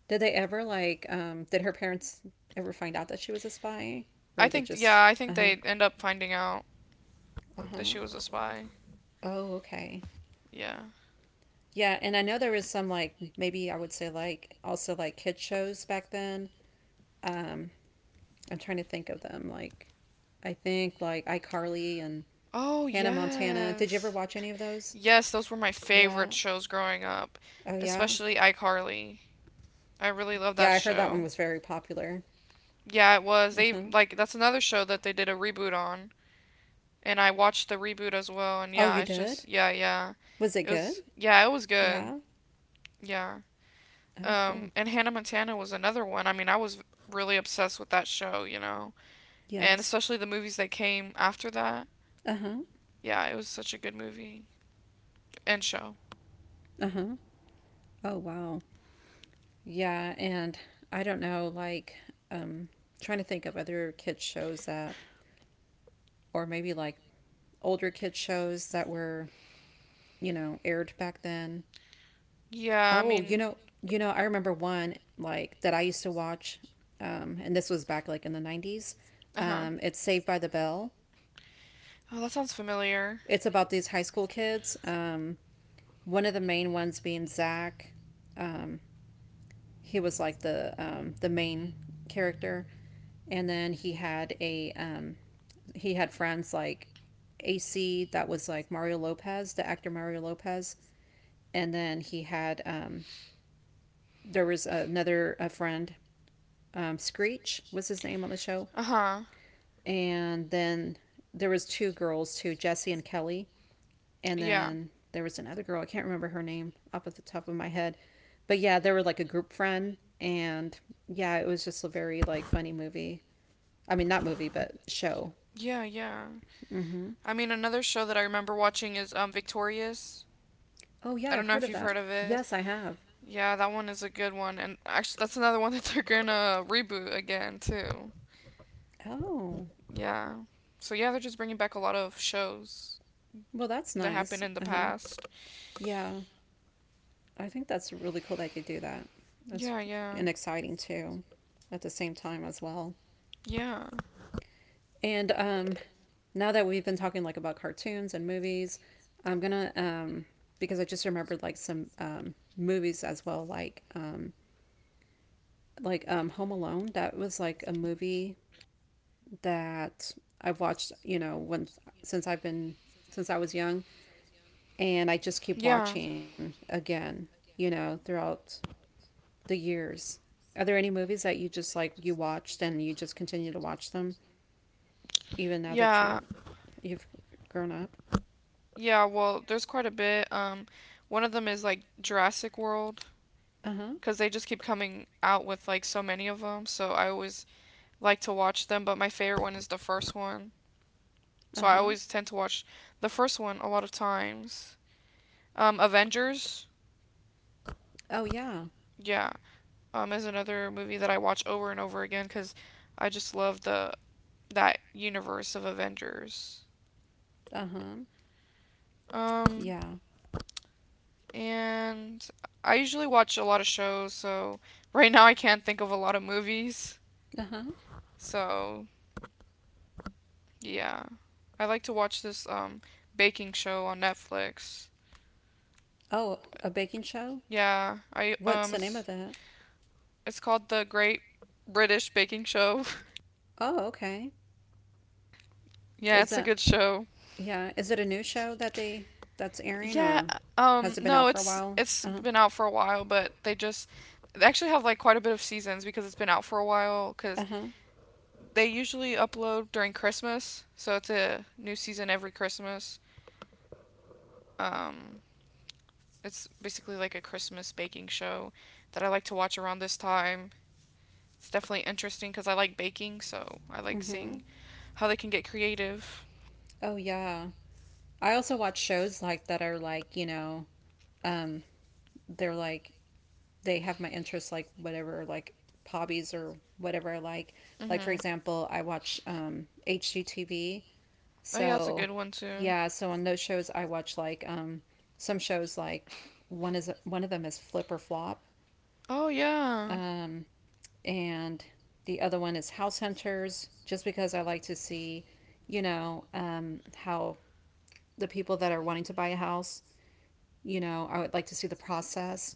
Speaker 2: Did they ever, like, did her parents ever find out that she was a spy? Or they just,
Speaker 1: I
Speaker 2: uh
Speaker 1: think
Speaker 2: huh,
Speaker 1: they end up finding out
Speaker 2: uh
Speaker 1: that she
Speaker 2: huh.
Speaker 1: was a spy.
Speaker 2: Oh, okay.
Speaker 1: Yeah.
Speaker 2: Yeah, and I know there was some, like, maybe I would say, like, also like kid shows back then. Um, I'm trying to think of them. Like I think like iCarly and
Speaker 1: Oh
Speaker 2: Hannah Montana. Did you ever
Speaker 1: yes.
Speaker 2: watch any of those?
Speaker 1: Yes, those were my
Speaker 2: Yeah.
Speaker 1: favorite shows growing up,
Speaker 2: Oh yeah.
Speaker 1: especially iCarly. I really love
Speaker 2: Yeah,
Speaker 1: that
Speaker 2: I heard that one
Speaker 1: show.
Speaker 2: was very popular.
Speaker 1: Yeah, it was. They
Speaker 2: Uh-huh.
Speaker 1: like that's another show that they did a reboot on, and I watched the reboot as well. And
Speaker 2: Oh,
Speaker 1: yeah,
Speaker 2: you
Speaker 1: it's
Speaker 2: did?
Speaker 1: just yeah, yeah.
Speaker 2: Was it
Speaker 1: It
Speaker 2: good?
Speaker 1: was yeah, it was good.
Speaker 2: Yeah.
Speaker 1: Yeah.
Speaker 2: Oh, cool.
Speaker 1: And Hannah Montana was another one. I mean, I was really obsessed with that show, you know, and
Speaker 2: Yes.
Speaker 1: especially the movies that came after that.
Speaker 2: Uh-huh.
Speaker 1: Yeah, it was such a good movie and show.
Speaker 2: Uh-huh. Oh, wow. Yeah, and I don't know like um trying to think of other kids shows that, or maybe like older kid shows that were, aired back then.
Speaker 1: Yeah, I
Speaker 2: Oh,
Speaker 1: mean,
Speaker 2: I remember one like that I used to watch, and this was back like in the '90s.
Speaker 1: uh huh.
Speaker 2: It's Saved by the Bell.
Speaker 1: Oh, that sounds familiar.
Speaker 2: It's about these high school kids. One of the main ones being Zach. Um, he was like the main character, and then he had friends like AC that was like Mario Lopez, the actor Mario Lopez, and then he had there was another a friend, Screech was his name on the show,
Speaker 1: Uh huh.
Speaker 2: and then there was two girls too, Jessie and Kelly, and
Speaker 1: Yeah.
Speaker 2: then there was another girl. I can't remember her name up at the top of my head, but yeah, they were like a group friend, and yeah, it was just a very like funny movie. I mean, not movie, but show.
Speaker 1: Yeah, yeah.
Speaker 2: Mm-hmm.
Speaker 1: I mean, another show that I remember watching is Victorious.
Speaker 2: Oh yeah,
Speaker 1: I don't
Speaker 2: I've
Speaker 1: know
Speaker 2: heard
Speaker 1: if
Speaker 2: of
Speaker 1: you've
Speaker 2: that.
Speaker 1: heard of it.
Speaker 2: Yes, I have.
Speaker 1: Yeah, that one is a good one, and actually, that's another one that they're gonna reboot again too.
Speaker 2: Oh,
Speaker 1: Yeah. So yeah, they're just bringing back a lot of shows
Speaker 2: well, that's
Speaker 1: that
Speaker 2: nice.
Speaker 1: happened in the
Speaker 2: Uh huh.
Speaker 1: past.
Speaker 2: Yeah. I think that's really cool that you do that. That's
Speaker 1: Yeah, yeah,
Speaker 2: and exciting too, at the same time as well.
Speaker 1: yeah,
Speaker 2: And now that we've been talking like about cartoons and movies, I'm gonna because I just remembered like some movies as well, like Home Alone. That was like a movie that I've watched, when since I've been since I was young, and I just
Speaker 1: yeah,
Speaker 2: keep watching again, throughout the years? Are there any movies that you just like you watched and you just continue to watch them even now that
Speaker 1: yeah,
Speaker 2: you've grown up?
Speaker 1: yeah. Well, there's quite a bit. One of them is like Jurassic World,
Speaker 2: Uh-huh.
Speaker 1: because they just keep coming out with like so many of them. So I always like to watch them, but my favorite one is the first one. So I
Speaker 2: Uh-huh.
Speaker 1: always tend to watch the first one a lot of times. Avengers,
Speaker 2: Oh yeah.
Speaker 1: yeah, is another movie that I watch over and over again because I just love the that universe of Avengers.
Speaker 2: Uh-huh.
Speaker 1: Um,
Speaker 2: Yeah.
Speaker 1: and I usually watch a lot of shows, so right now I can't think of a lot of movies.
Speaker 2: Uh-huh.
Speaker 1: So yeah, I like to watch this baking show on Netflix.
Speaker 2: Oh, a baking show?
Speaker 1: Yeah, I
Speaker 2: What's the name of it?
Speaker 1: it's called The Great British Baking Show.
Speaker 2: Oh, okay.
Speaker 1: Yeah,
Speaker 2: Is
Speaker 1: it's a
Speaker 2: that
Speaker 1: good show.
Speaker 2: yeah, is it a new show that they that's airing,
Speaker 1: Yeah,
Speaker 2: or has it been
Speaker 1: no,
Speaker 2: out for a
Speaker 1: it's
Speaker 2: while?
Speaker 1: it's
Speaker 2: Uh-huh.
Speaker 1: been out for a while, but they actually have like quite a bit of seasons because it's been out for a while cuz
Speaker 2: Uh-huh.
Speaker 1: they usually upload during Christmas, so it's a new season every Christmas. Um it's basically like a Christmas baking show that I like to watch around this time. It's definitely interesting because I like baking, so I like
Speaker 2: Mm-hmm.
Speaker 1: seeing how they can get creative.
Speaker 2: Oh yeah. I also watch shows like that are like, um, they're like they have my interests, like whatever like hobbies or whatever I like. Like, for
Speaker 1: Hmm.
Speaker 2: example, I watch HGTV.
Speaker 1: Oh yeah, that's a
Speaker 2: So
Speaker 1: good one too.
Speaker 2: yeah, so on those shows I watch like some shows like one of them is Flip or Flop.
Speaker 1: Oh yeah.
Speaker 2: Um and the other one is House Hunters, just because I like to see, how the people that are wanting to buy a house, I would like to see the process,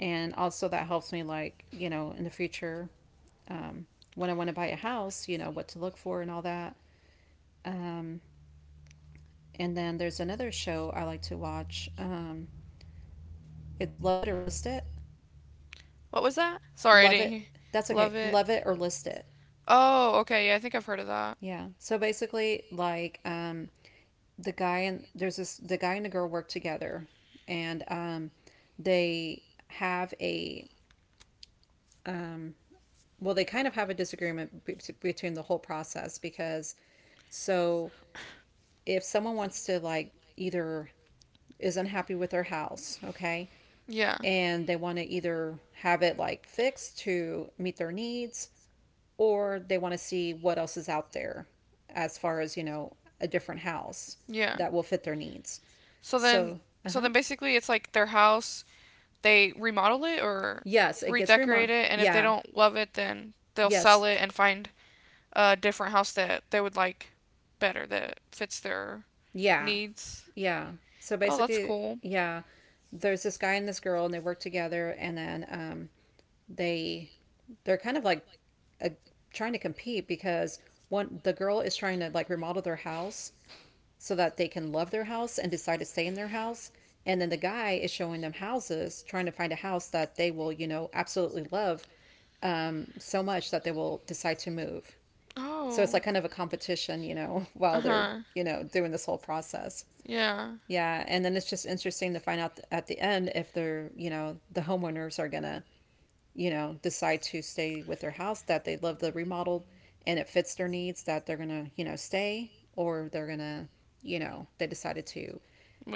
Speaker 2: and also that helps me like, in the future, um, when I want to buy a house, what to look for and all that. Um, and then there's another show I like to watch. It's Love It or List It.
Speaker 1: What was that? Sorry, I
Speaker 2: Love
Speaker 1: didn't
Speaker 2: It.
Speaker 1: hear.
Speaker 2: That's
Speaker 1: Love
Speaker 2: okay.
Speaker 1: it.
Speaker 2: Love It or List It.
Speaker 1: Oh, okay. Yeah, I think I've heard of that.
Speaker 2: Yeah. So basically, the guy and the girl work together, and they have a well, they kind of have a disagreement between the whole process because so if someone wants to like either is unhappy with their house, okay,
Speaker 1: Yeah.
Speaker 2: and they want to either have it like fixed to meet their needs, or they want to see what else is out there as far as, a different house
Speaker 1: Yeah.
Speaker 2: that will fit their needs.
Speaker 1: So then
Speaker 2: So,
Speaker 1: so
Speaker 2: uh-huh.
Speaker 1: then basically it's like their house, they remodel it or
Speaker 2: Yes, it gets
Speaker 1: redecorate
Speaker 2: remodeled.
Speaker 1: it, and if they
Speaker 2: Yeah.
Speaker 1: don't love it then they'll sell
Speaker 2: Yes.
Speaker 1: it and find a different house that they would like better that fits their
Speaker 2: Yeah.
Speaker 1: needs.
Speaker 2: Yeah. So
Speaker 1: Oh, that's
Speaker 2: basically,
Speaker 1: cool.
Speaker 2: yeah, there's this guy and this girl and they work together, and then they they're kind of like uh trying to compete because one the girl is trying to like remodel their house so that they can love their house and decide to stay in their house. And then the guy is showing them houses, trying to find a house that they will, you know, absolutely love so much that they will decide to move. So it's
Speaker 1: Oh.
Speaker 2: like kind of a competition, you know, while they're,
Speaker 1: Uh-huh.
Speaker 2: you know, doing this whole process.
Speaker 1: Yeah.
Speaker 2: Yeah. And then it's just interesting to find out at the end if they're, you know, the homeowners are going to, you know, decide to stay with their house that they love the remodeled and it fits their needs, that they're going to, you know, stay, or they're going to, you know, they decided to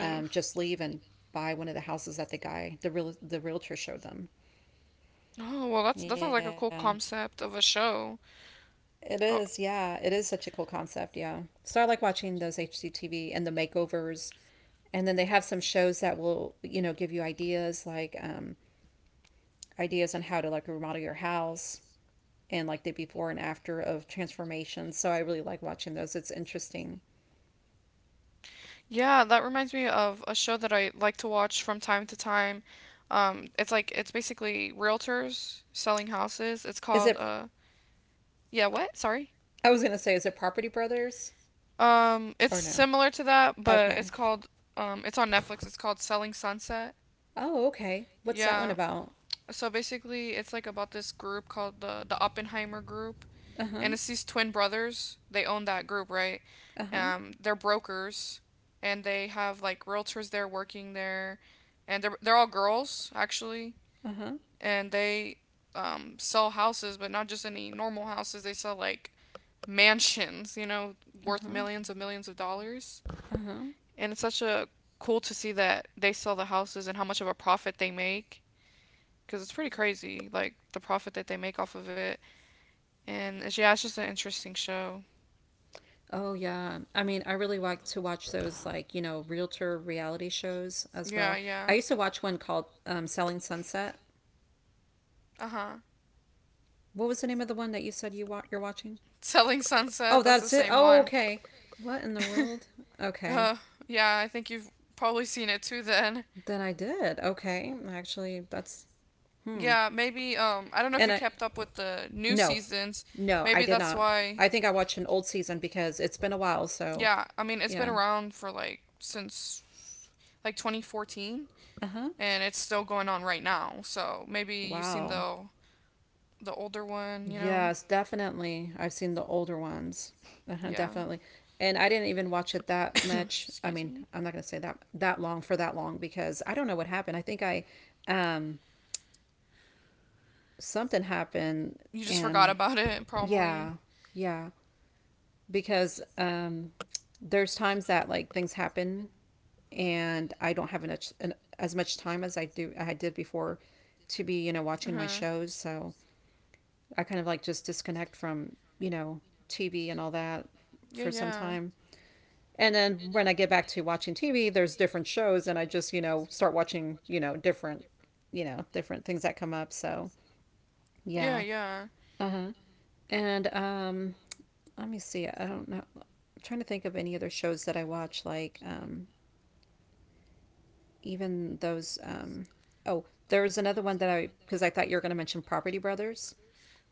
Speaker 2: just leave and buy one of the houses that the realtor showed them.
Speaker 1: Oh, well, that's that
Speaker 2: Yeah,
Speaker 1: sounds like a cool concept of a show.
Speaker 2: it is.
Speaker 1: Oh,
Speaker 2: Yeah, it is such a cool concept. Yeah. So I like watching those HGTV and the makeovers. And then they have some shows that will, you know, give you ideas like ideas on how to like remodel your house and like the before and after of transformations. So I really like watching those. It's interesting.
Speaker 1: yeah. Yeah, that reminds me of a show that I like to watch from time to time. It's like it's basically realtors selling houses. It's
Speaker 2: Is
Speaker 1: called
Speaker 2: it?
Speaker 1: yeah, what? Sorry.
Speaker 2: I was gonna say, is it Property Brothers
Speaker 1: It's
Speaker 2: or no?
Speaker 1: similar to that, but it's
Speaker 2: Okay.
Speaker 1: called it's on Netflix. It's called Selling Sunset.
Speaker 2: Oh, okay.
Speaker 1: What's
Speaker 2: What's that
Speaker 1: Yeah.
Speaker 2: one
Speaker 1: About?
Speaker 2: about?
Speaker 1: So basically, it's like about this group called the Oppenheimer group,
Speaker 2: Uh huh.
Speaker 1: and it's these twin brothers. They own that group, right?
Speaker 2: Uh huh.
Speaker 1: They're brokers, and they have like realtors there working there, and they're all girls actually,
Speaker 2: Uh huh.
Speaker 1: and they, sell houses, but not just any normal houses. They sell like mansions, you know,
Speaker 2: Uh
Speaker 1: worth
Speaker 2: huh.
Speaker 1: millions of dollars.
Speaker 2: Uh huh.
Speaker 1: And it's such a cool to see that they sell the houses and how much of a profit they make because it's pretty crazy, like the profit that they make off of it. And it's, yeah, it's just an interesting show.
Speaker 2: Oh yeah. I mean, I really like to watch those like, you know, realtor reality shows as
Speaker 1: Yeah,
Speaker 2: well. I
Speaker 1: yeah.
Speaker 2: used to watch one called Selling Sunset.
Speaker 1: Uh huh.
Speaker 2: What was the name of the one that you said you're watching?
Speaker 1: Selling Sunset,
Speaker 2: Oh,
Speaker 1: that's the
Speaker 2: that's it.
Speaker 1: same
Speaker 2: Oh,
Speaker 1: one.
Speaker 2: okay. What in the world? Okay.
Speaker 1: Uh, yeah, I think you've probably seen it too then.
Speaker 2: Then I did. Okay. Actually, that's hmm.
Speaker 1: Yeah, maybe, I don't know if
Speaker 2: And
Speaker 1: you
Speaker 2: I
Speaker 1: kept up with the new
Speaker 2: no,
Speaker 1: seasons.
Speaker 2: no, I
Speaker 1: Maybe
Speaker 2: did
Speaker 1: that's
Speaker 2: not.
Speaker 1: why.
Speaker 2: I think I watched an old season because it's been a while, so
Speaker 1: Yeah, I mean, it's been
Speaker 2: yeah.
Speaker 1: around for like since like 2014
Speaker 2: Uh-huh.
Speaker 1: and it's still going on right now. So maybe you've seen
Speaker 2: Wow.
Speaker 1: the older one, you know?
Speaker 2: Yes, definitely. I've seen the older ones. Uh-huh,
Speaker 1: Yeah.
Speaker 2: definitely. And I didn't even watch it that much. I
Speaker 1: Excuse
Speaker 2: mean,
Speaker 1: me.
Speaker 2: I'm not going to say that that long for that long because I don't know what happened. I think I um something happened
Speaker 1: You just forgot
Speaker 2: and
Speaker 1: about it probably.
Speaker 2: yeah, yeah, because there's times that like things happen, and I don't have as much time as I did before to be, you know,
Speaker 1: Uh
Speaker 2: watching my
Speaker 1: huh.
Speaker 2: shows, so I kind of like just disconnect from, you know, TV and all that
Speaker 1: Yeah,
Speaker 2: for some
Speaker 1: yeah,
Speaker 2: time. And then when I get back to watching TV, there's different shows, and I just, you know, start watching, you know, different things that come up. So,
Speaker 1: yeah,
Speaker 2: yeah.
Speaker 1: yeah.
Speaker 2: Uh-huh. And let me see. I don't know. I'm trying to think of any other shows that I watch, like even those. Oh, there was another one that I, because I thought you were going to mention Property Brothers.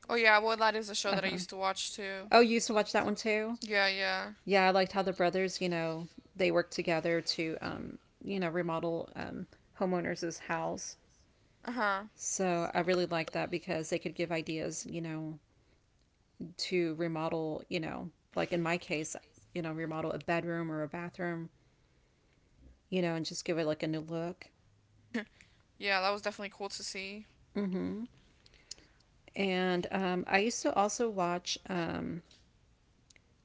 Speaker 1: Oh yeah, well that is a show
Speaker 2: Uh
Speaker 1: that I
Speaker 2: huh.
Speaker 1: used to watch too.
Speaker 2: Oh, you used to watch that one too.
Speaker 1: Yeah, yeah.
Speaker 2: Yeah, I liked how the brothers, you know, they worked together to, you know, remodel homeowners' house.
Speaker 1: Uh huh.
Speaker 2: So I really liked that because they could give ideas, you know, to remodel, you know, like in my case, you know, remodel a bedroom or a bathroom, you know, and just give it like a new look.
Speaker 1: Yeah, that was definitely cool to see.
Speaker 2: Mm-hmm. And I used to also watch.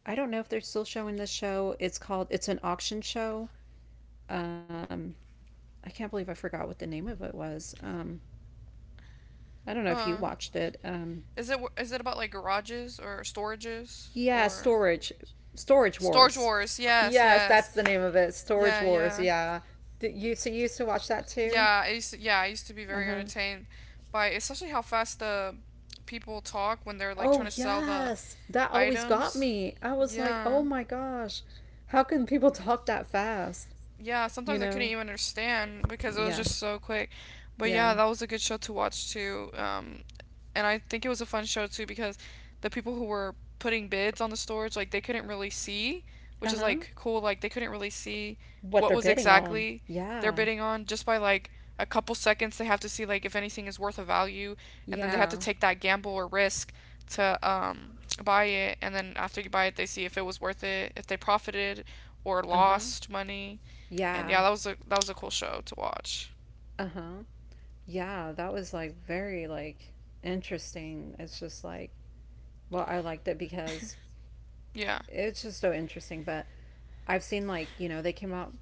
Speaker 2: I don't know if they're still showing this show. It's called. It's an auction show. Um, I can't believe I forgot what the name of it was. I don't know if you
Speaker 1: Uh,
Speaker 2: watched it.
Speaker 1: is it about like garages or storages
Speaker 2: Yeah,
Speaker 1: or
Speaker 2: storage
Speaker 1: storage
Speaker 2: wars.
Speaker 1: wars? Yes,
Speaker 2: Yes,
Speaker 1: yes.
Speaker 2: that's the name of it. Storage
Speaker 1: Yeah,
Speaker 2: wars.
Speaker 1: yeah,
Speaker 2: Yeah. Did you, so you used to watch that too?
Speaker 1: yeah. I used to, yeah, I used to be
Speaker 2: Uh
Speaker 1: very
Speaker 2: huh.
Speaker 1: entertained by especially how fast the people talk when they're like
Speaker 2: Oh
Speaker 1: trying to sell the
Speaker 2: yes, that always got
Speaker 1: items.
Speaker 2: me. I was like,
Speaker 1: Yeah
Speaker 2: oh my gosh, how can people talk that fast?
Speaker 1: yeah,
Speaker 2: You
Speaker 1: sometimes I couldn't
Speaker 2: know?
Speaker 1: even understand because it was
Speaker 2: Yeah.
Speaker 1: just so quick. But
Speaker 2: Yeah.
Speaker 1: yeah, that was a good show to watch too. And I think it was a fun show too because the people who were putting bids on the storage, like they couldn't really see, which is
Speaker 2: Uh-huh.
Speaker 1: like cool. Like they couldn't really see
Speaker 2: What
Speaker 1: what
Speaker 2: they're
Speaker 1: was
Speaker 2: bidding on.
Speaker 1: exactly they're
Speaker 2: Yeah.
Speaker 1: bidding on just by like a couple seconds. They have to see like if anything is worth a value, and then they have to
Speaker 2: Yeah.
Speaker 1: take that gamble or risk to buy it. And then after you buy it, they see if it was worth it, if they profited or
Speaker 2: Uh-huh.
Speaker 1: lost money. And
Speaker 2: Yeah.
Speaker 1: yeah, that was a cool show to watch.
Speaker 2: Uh-huh. Yeah, that was like very like interesting. It's just like, well, I liked it because
Speaker 1: Yeah.
Speaker 2: it's just so interesting. But I've seen like you know they came out,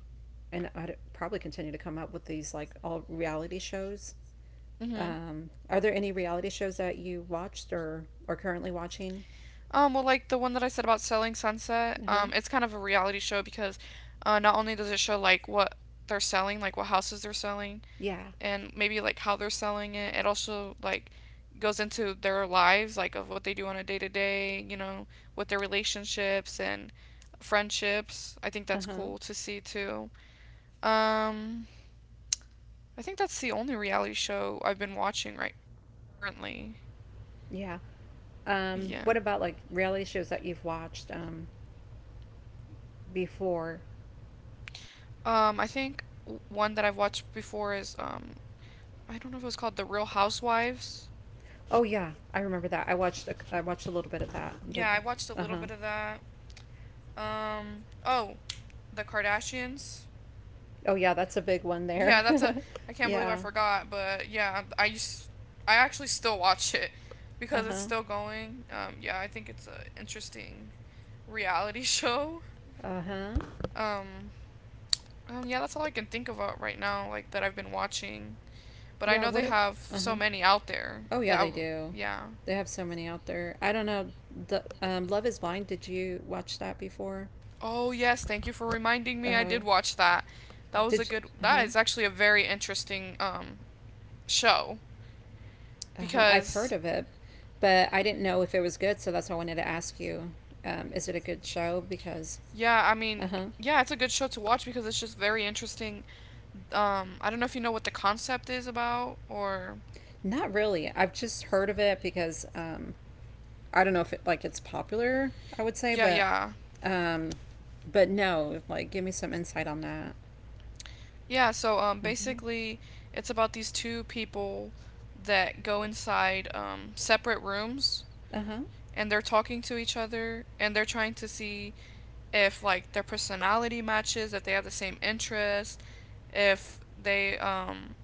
Speaker 2: and I'd probably continue to come up with these like all reality shows.
Speaker 1: Mm-hmm.
Speaker 2: Are there any reality shows that you watched or are currently watching?
Speaker 1: Well, like the one that I said about Selling Sunset,
Speaker 2: Uh-huh.
Speaker 1: it's kind of a reality show because not only does it show like what they're selling, like what houses they're selling,
Speaker 2: Yeah.
Speaker 1: and maybe like how they're selling it, it also like goes into their lives, like of what they do on a day to day, you know, with their relationships and friendships. I think that's
Speaker 2: Uh-huh.
Speaker 1: cool to see too. Um, I think that's the only reality show I've been watching right currently.
Speaker 2: Yeah.
Speaker 1: Yeah.
Speaker 2: What about like reality shows that you've watched before?
Speaker 1: I think one that I've watched before is I don't know if it was called The Real Housewives.
Speaker 2: Oh yeah, I remember that. I watched a little bit of that. The,
Speaker 1: Yeah, I watched a little
Speaker 2: uh-huh.
Speaker 1: bit of that. Oh, The Kardashians.
Speaker 2: Oh yeah, that's a big one
Speaker 1: Yeah,
Speaker 2: there.
Speaker 1: that's a. I can't believe I
Speaker 2: Yeah.
Speaker 1: forgot, but yeah, I used. I actually still watch it because it's
Speaker 2: Uh-huh.
Speaker 1: still going. Yeah, I think it's a interesting reality show.
Speaker 2: Uh-huh.
Speaker 1: Um, yeah, that's all I can think of right now, like that I've been watching. But I
Speaker 2: Yeah,
Speaker 1: know they
Speaker 2: what a,
Speaker 1: have so
Speaker 2: uh-huh.
Speaker 1: many out there
Speaker 2: Oh yeah,
Speaker 1: that,
Speaker 2: they do.
Speaker 1: yeah.
Speaker 2: They have so many out there. I don't know. The Love is Blind, did you watch that before?
Speaker 1: Oh, yes, thank you for reminding me. I
Speaker 2: Uh-huh.
Speaker 1: did watch that. That was a
Speaker 2: Did
Speaker 1: good
Speaker 2: you,
Speaker 1: that
Speaker 2: uh-huh.
Speaker 1: is actually a very interesting show
Speaker 2: Uh-huh. I've heard
Speaker 1: because
Speaker 2: of it, but I didn't know if it was good, so that's why I wanted to ask you. Is it a good show? Because,
Speaker 1: yeah, I
Speaker 2: uh
Speaker 1: mean,
Speaker 2: huh.
Speaker 1: yeah, it's a good show to watch because it's just very interesting. I don't know if you know what the concept is about or
Speaker 2: Not really. I've just heard of it because I don't know if it like it's popular. I would say,
Speaker 1: yeah, yeah.
Speaker 2: um, but no, like give me some insight on that.
Speaker 1: Yeah, so
Speaker 2: Hmm.
Speaker 1: basically it's about these two people that go inside separate rooms
Speaker 2: Uh huh.
Speaker 1: and they're talking to each other and they're trying to see if like their personality matches, if they have the same interests, if they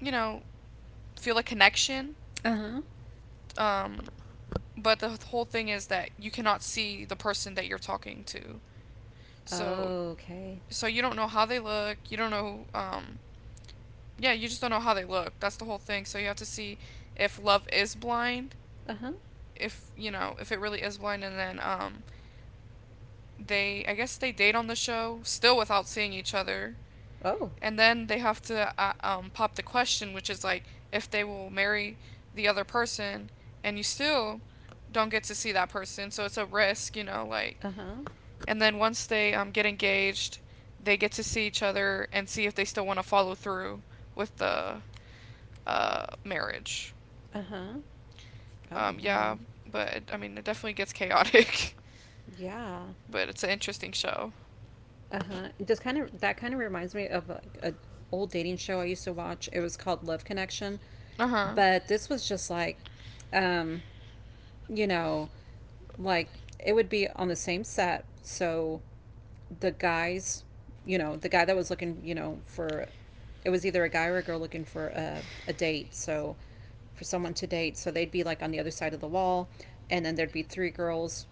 Speaker 1: you know feel a connection.
Speaker 2: Uh huh.
Speaker 1: Um, but the whole thing is that you cannot see the person that you're talking to, so
Speaker 2: Okay.
Speaker 1: so you don't know how they look. You don't know yeah you just don't know how they look. That's the whole thing. So you have to see if love is blind,
Speaker 2: Uh huh.
Speaker 1: if you know if it really is blind, and then they I guess they date on the show still without seeing each other
Speaker 2: Oh.
Speaker 1: and then they have to pop the question, which is like if they will marry the other person, and you still don't get to see that person, so it's a risk, you know, like.
Speaker 2: Uh-huh.
Speaker 1: And then once they get engaged, they get to see each other and see if they still want to follow through with the marriage.
Speaker 2: Uh-huh. Oh, wow.
Speaker 1: Yeah, but it, I mean, it definitely gets chaotic,
Speaker 2: Yeah.
Speaker 1: but it's an interesting show.
Speaker 2: Uh-huh. It just kind of, that kind of reminds me of like a old dating show I used to watch. It was called Love Connection,
Speaker 1: Uh huh.
Speaker 2: but this was just like um, you know, like it would be on the same set. So the guys, you know, the guy that was looking, you know, for it was either a guy or a girl looking for a date. So for someone to date. So they'd be like on the other side of the wall, and then there'd be three girls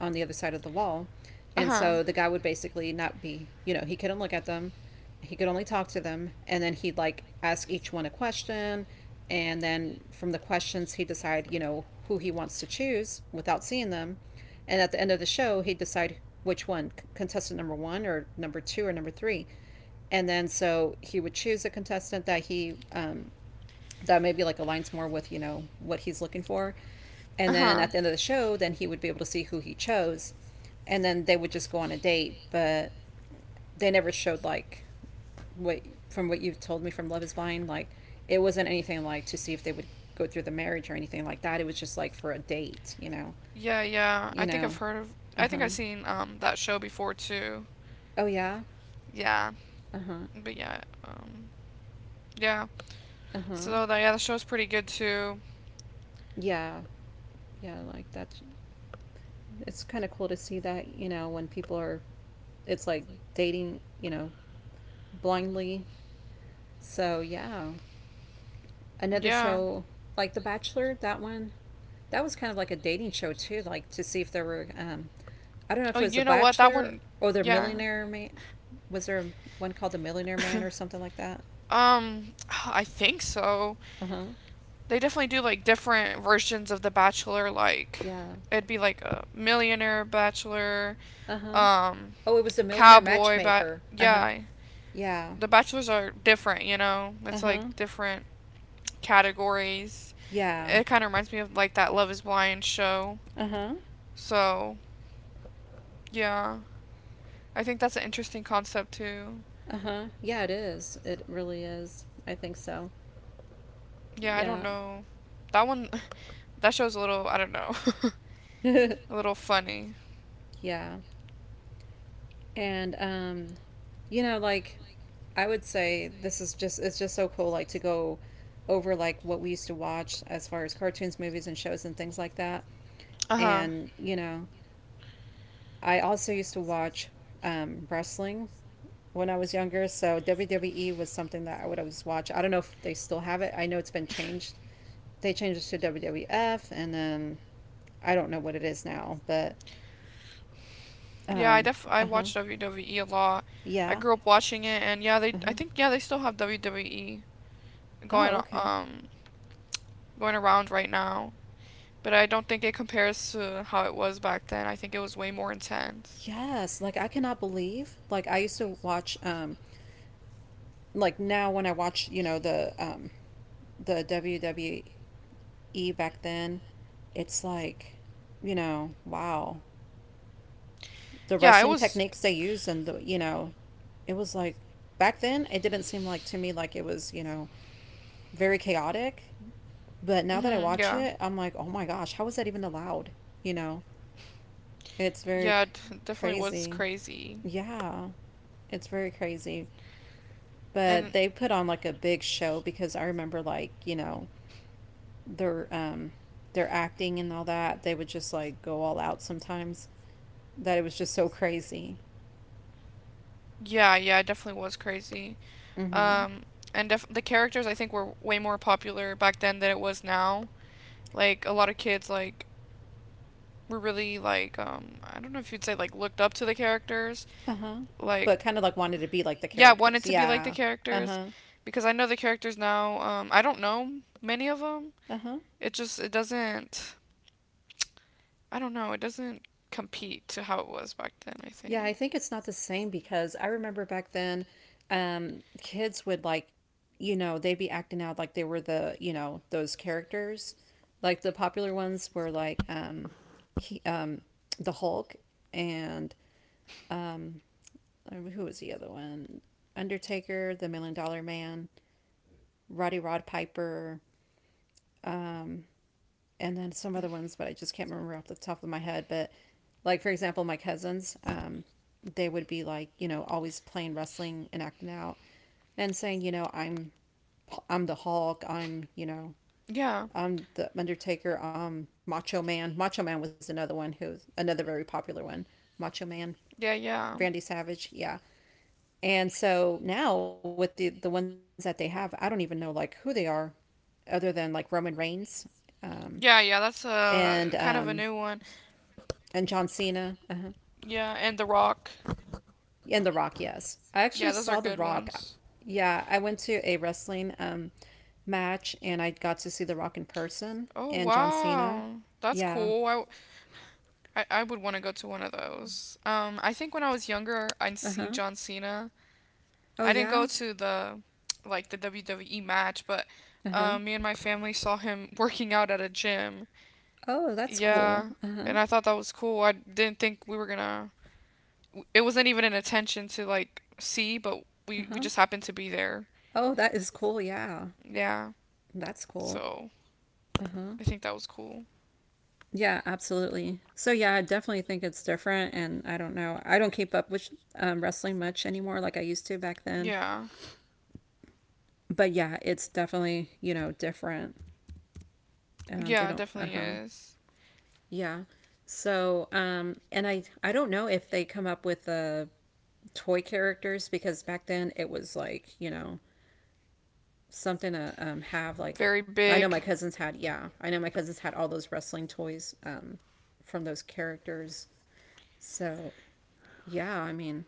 Speaker 2: on the other side of the wall.
Speaker 1: Uh
Speaker 2: And
Speaker 1: huh.
Speaker 2: so the guy would basically not be, you know, he couldn't look at them. He could only talk to them. And then he'd like ask each one a question. And then from the questions, he'd decide, you know, who he wants to choose without seeing them. And at the end of the show, he'd decide which one, contestant number one, or number two, or number three. And then so he would choose a contestant that he that maybe like aligns more with you know what he's looking for,
Speaker 1: Uh
Speaker 2: and then
Speaker 1: huh.
Speaker 2: at the end of the show then he would be able to see who he chose, and then they would just go on a date, but they never showed like what, from what you've told me from Love is Blind, like it wasn't anything like to see if they would go through the marriage or anything like that, it was just like for a date, you know.
Speaker 1: Yeah, yeah.
Speaker 2: You
Speaker 1: I think I've
Speaker 2: know,
Speaker 1: heard of. I think
Speaker 2: uh-huh,
Speaker 1: I've seen that show before too.
Speaker 2: oh yeah,
Speaker 1: Yeah,
Speaker 2: uh-huh,
Speaker 1: but yeah, yeah.
Speaker 2: uh-huh,
Speaker 1: So yeah, the show's pretty good too.
Speaker 2: yeah, yeah, like that's, it's kind of cool to see that you know when people are, it's like dating you know, blindly, so yeah, another
Speaker 1: Yeah.
Speaker 2: show like The Bachelor, that one, that was kind of like a dating show too, like to see if there were I don't know
Speaker 1: Oh,
Speaker 2: if it was a
Speaker 1: you know what? That
Speaker 2: bachelor
Speaker 1: one.
Speaker 2: or the
Speaker 1: Yeah.
Speaker 2: millionaire man, was there one called the millionaire man or something like that,
Speaker 1: Um, I think so.
Speaker 2: uh-huh,
Speaker 1: They definitely do like different versions of The Bachelor. Like,
Speaker 2: yeah,
Speaker 1: it'd be like a millionaire bachelor,
Speaker 2: uh-huh,
Speaker 1: um,
Speaker 2: oh it was the Millionaire
Speaker 1: cowboy, but
Speaker 2: Matchmaker, uh-huh,
Speaker 1: yeah,
Speaker 2: yeah,
Speaker 1: the bachelors are different. You know, it's like
Speaker 2: uh-huh,
Speaker 1: different categories.
Speaker 2: yeah,
Speaker 1: It kind of reminds me of like that Love is Blind show.
Speaker 2: uh-huh.
Speaker 1: So, yeah. I think that's an interesting concept too.
Speaker 2: Uh huh. Yeah, it is. It really is. I think so.
Speaker 1: Yeah, I don't
Speaker 2: Yeah.
Speaker 1: know. That one that show's a little, I don't know.
Speaker 2: yeah.
Speaker 1: a little funny.
Speaker 2: And you know like I would say this is just, it's just so cool like to go over like what we used to watch as far as cartoons, movies and shows and things like that.
Speaker 1: Uh-huh.
Speaker 2: And you know, I also used to watch wrestling when I was younger. So WWE was something that I would always watch. I don't know if they still have it. I know it's been changed. They changed it to WWF, and then I don't know what it is now. But
Speaker 1: Yeah,
Speaker 2: um,
Speaker 1: I
Speaker 2: uh huh,
Speaker 1: watch WWE a lot. I
Speaker 2: yeah,
Speaker 1: grew up watching it and yeah, they
Speaker 2: uh
Speaker 1: I
Speaker 2: huh.
Speaker 1: think yeah, they still have WWE going
Speaker 2: Oh, okay.
Speaker 1: going around right now, but I don't think it compares to how it was back then. I think it was way more intense.
Speaker 2: Yes, like I cannot believe. Like I used to watch. Like now when I watch, you know, the WWE E back then, it's like, you know, wow. The
Speaker 1: Yeah, it
Speaker 2: wrestling
Speaker 1: was.
Speaker 2: techniques they used and the, you know, it was like back then it didn't seem like to me like it was, you know, very chaotic, but now that I
Speaker 1: Hmm
Speaker 2: watch
Speaker 1: yeah.
Speaker 2: it, I'm like, "Oh my gosh, how is that even allowed?" You know, it's
Speaker 1: Yeah, definitely was
Speaker 2: crazy.
Speaker 1: crazy.
Speaker 2: Yeah, it's very crazy. But
Speaker 1: And
Speaker 2: they put on like a big show because I remember like, you know, their um their acting and all that. They would just like go all out sometimes. That it was just so crazy.
Speaker 1: yeah, yeah, it definitely was crazy.
Speaker 2: Mm-hmm.
Speaker 1: Um, and the characters I think were way more popular back then than it was now. Like a lot of kids like were really like I don't know if you'd say like looked up to the characters.
Speaker 2: Uh huh. But
Speaker 1: Like
Speaker 2: kind of like wanted to be like the
Speaker 1: yeah, wanted
Speaker 2: characters.
Speaker 1: to be like the
Speaker 2: Yeah. Uh
Speaker 1: characters
Speaker 2: huh.
Speaker 1: because I know the characters now. I don't know many of them.
Speaker 2: Uh huh.
Speaker 1: It just it doesn't I don't know, it doesn't compete to how it was back then, I
Speaker 2: Yeah,
Speaker 1: think.
Speaker 2: I think it's not the same because I remember back then, kids would like, you know, they'd be acting out like they were the, you know, those characters. Like the popular ones were like, he, um, the Hulk and who was the other one? Undertaker, the Million Dollar Man, Roddy Rod Piper, and then some other ones, but I just can't remember off the top of my head. But like for example, my cousins, they would be like, you know, always playing wrestling and acting out, and saying, you know, I'm the Hulk, I'm you know,
Speaker 1: Yeah,
Speaker 2: I'm the Undertaker, Macho Man. Macho Man was another one who was another very popular one. Macho Man,
Speaker 1: yeah, yeah.
Speaker 2: Randy Savage, yeah. And so now with the ones that they have, I don't even know like who they are, other than like Roman Reigns, um,
Speaker 1: Yeah, yeah, that's
Speaker 2: and
Speaker 1: a
Speaker 2: um,
Speaker 1: kind of a new one.
Speaker 2: and John Cena. Uh-huh.
Speaker 1: Yeah, and The Rock.
Speaker 2: And The Rock, yes. I actually
Speaker 1: Yeah, those are
Speaker 2: saw The
Speaker 1: good
Speaker 2: Rock.
Speaker 1: ones.
Speaker 2: Yeah, I went to a wrestling match and I got to see The Rock in person
Speaker 1: Oh
Speaker 2: and John Cena.
Speaker 1: wow, that's
Speaker 2: Yeah.
Speaker 1: cool. I would want to go to one of those. I think when I was younger, I'd
Speaker 2: Uh
Speaker 1: seen
Speaker 2: huh.
Speaker 1: John Cena.
Speaker 2: Oh,
Speaker 1: I didn't go
Speaker 2: yeah.
Speaker 1: to the, like the WWE match, but,
Speaker 2: Uh huh.
Speaker 1: me and my family saw him working out at a gym.
Speaker 2: Oh, that's cool.
Speaker 1: Yeah,
Speaker 2: Uh huh.
Speaker 1: and I thought that was cool. I didn't think we were gonna. It wasn't even an intention to like see, but
Speaker 2: Uh
Speaker 1: we
Speaker 2: huh.
Speaker 1: just happened to be there.
Speaker 2: Oh, that is cool. Yeah.
Speaker 1: Yeah,
Speaker 2: That's cool.
Speaker 1: so
Speaker 2: Uh huh.
Speaker 1: I think that was cool.
Speaker 2: Yeah, absolutely. So, yeah, I definitely think it's different. And I don't know. I don't keep up with wrestling much anymore like I used to back then.
Speaker 1: Yeah,
Speaker 2: But yeah, it's definitely, you know, different. They
Speaker 1: yeah, it
Speaker 2: don't, uh
Speaker 1: definitely
Speaker 2: huh.
Speaker 1: is
Speaker 2: Yeah. So, and I don't know if they come up with toy characters because back then it was like, you know, something to have like
Speaker 1: very
Speaker 2: I know
Speaker 1: big.
Speaker 2: my cousins had, yeah. I know my cousins had all those wrestling toys from those characters. So, yeah, I mean,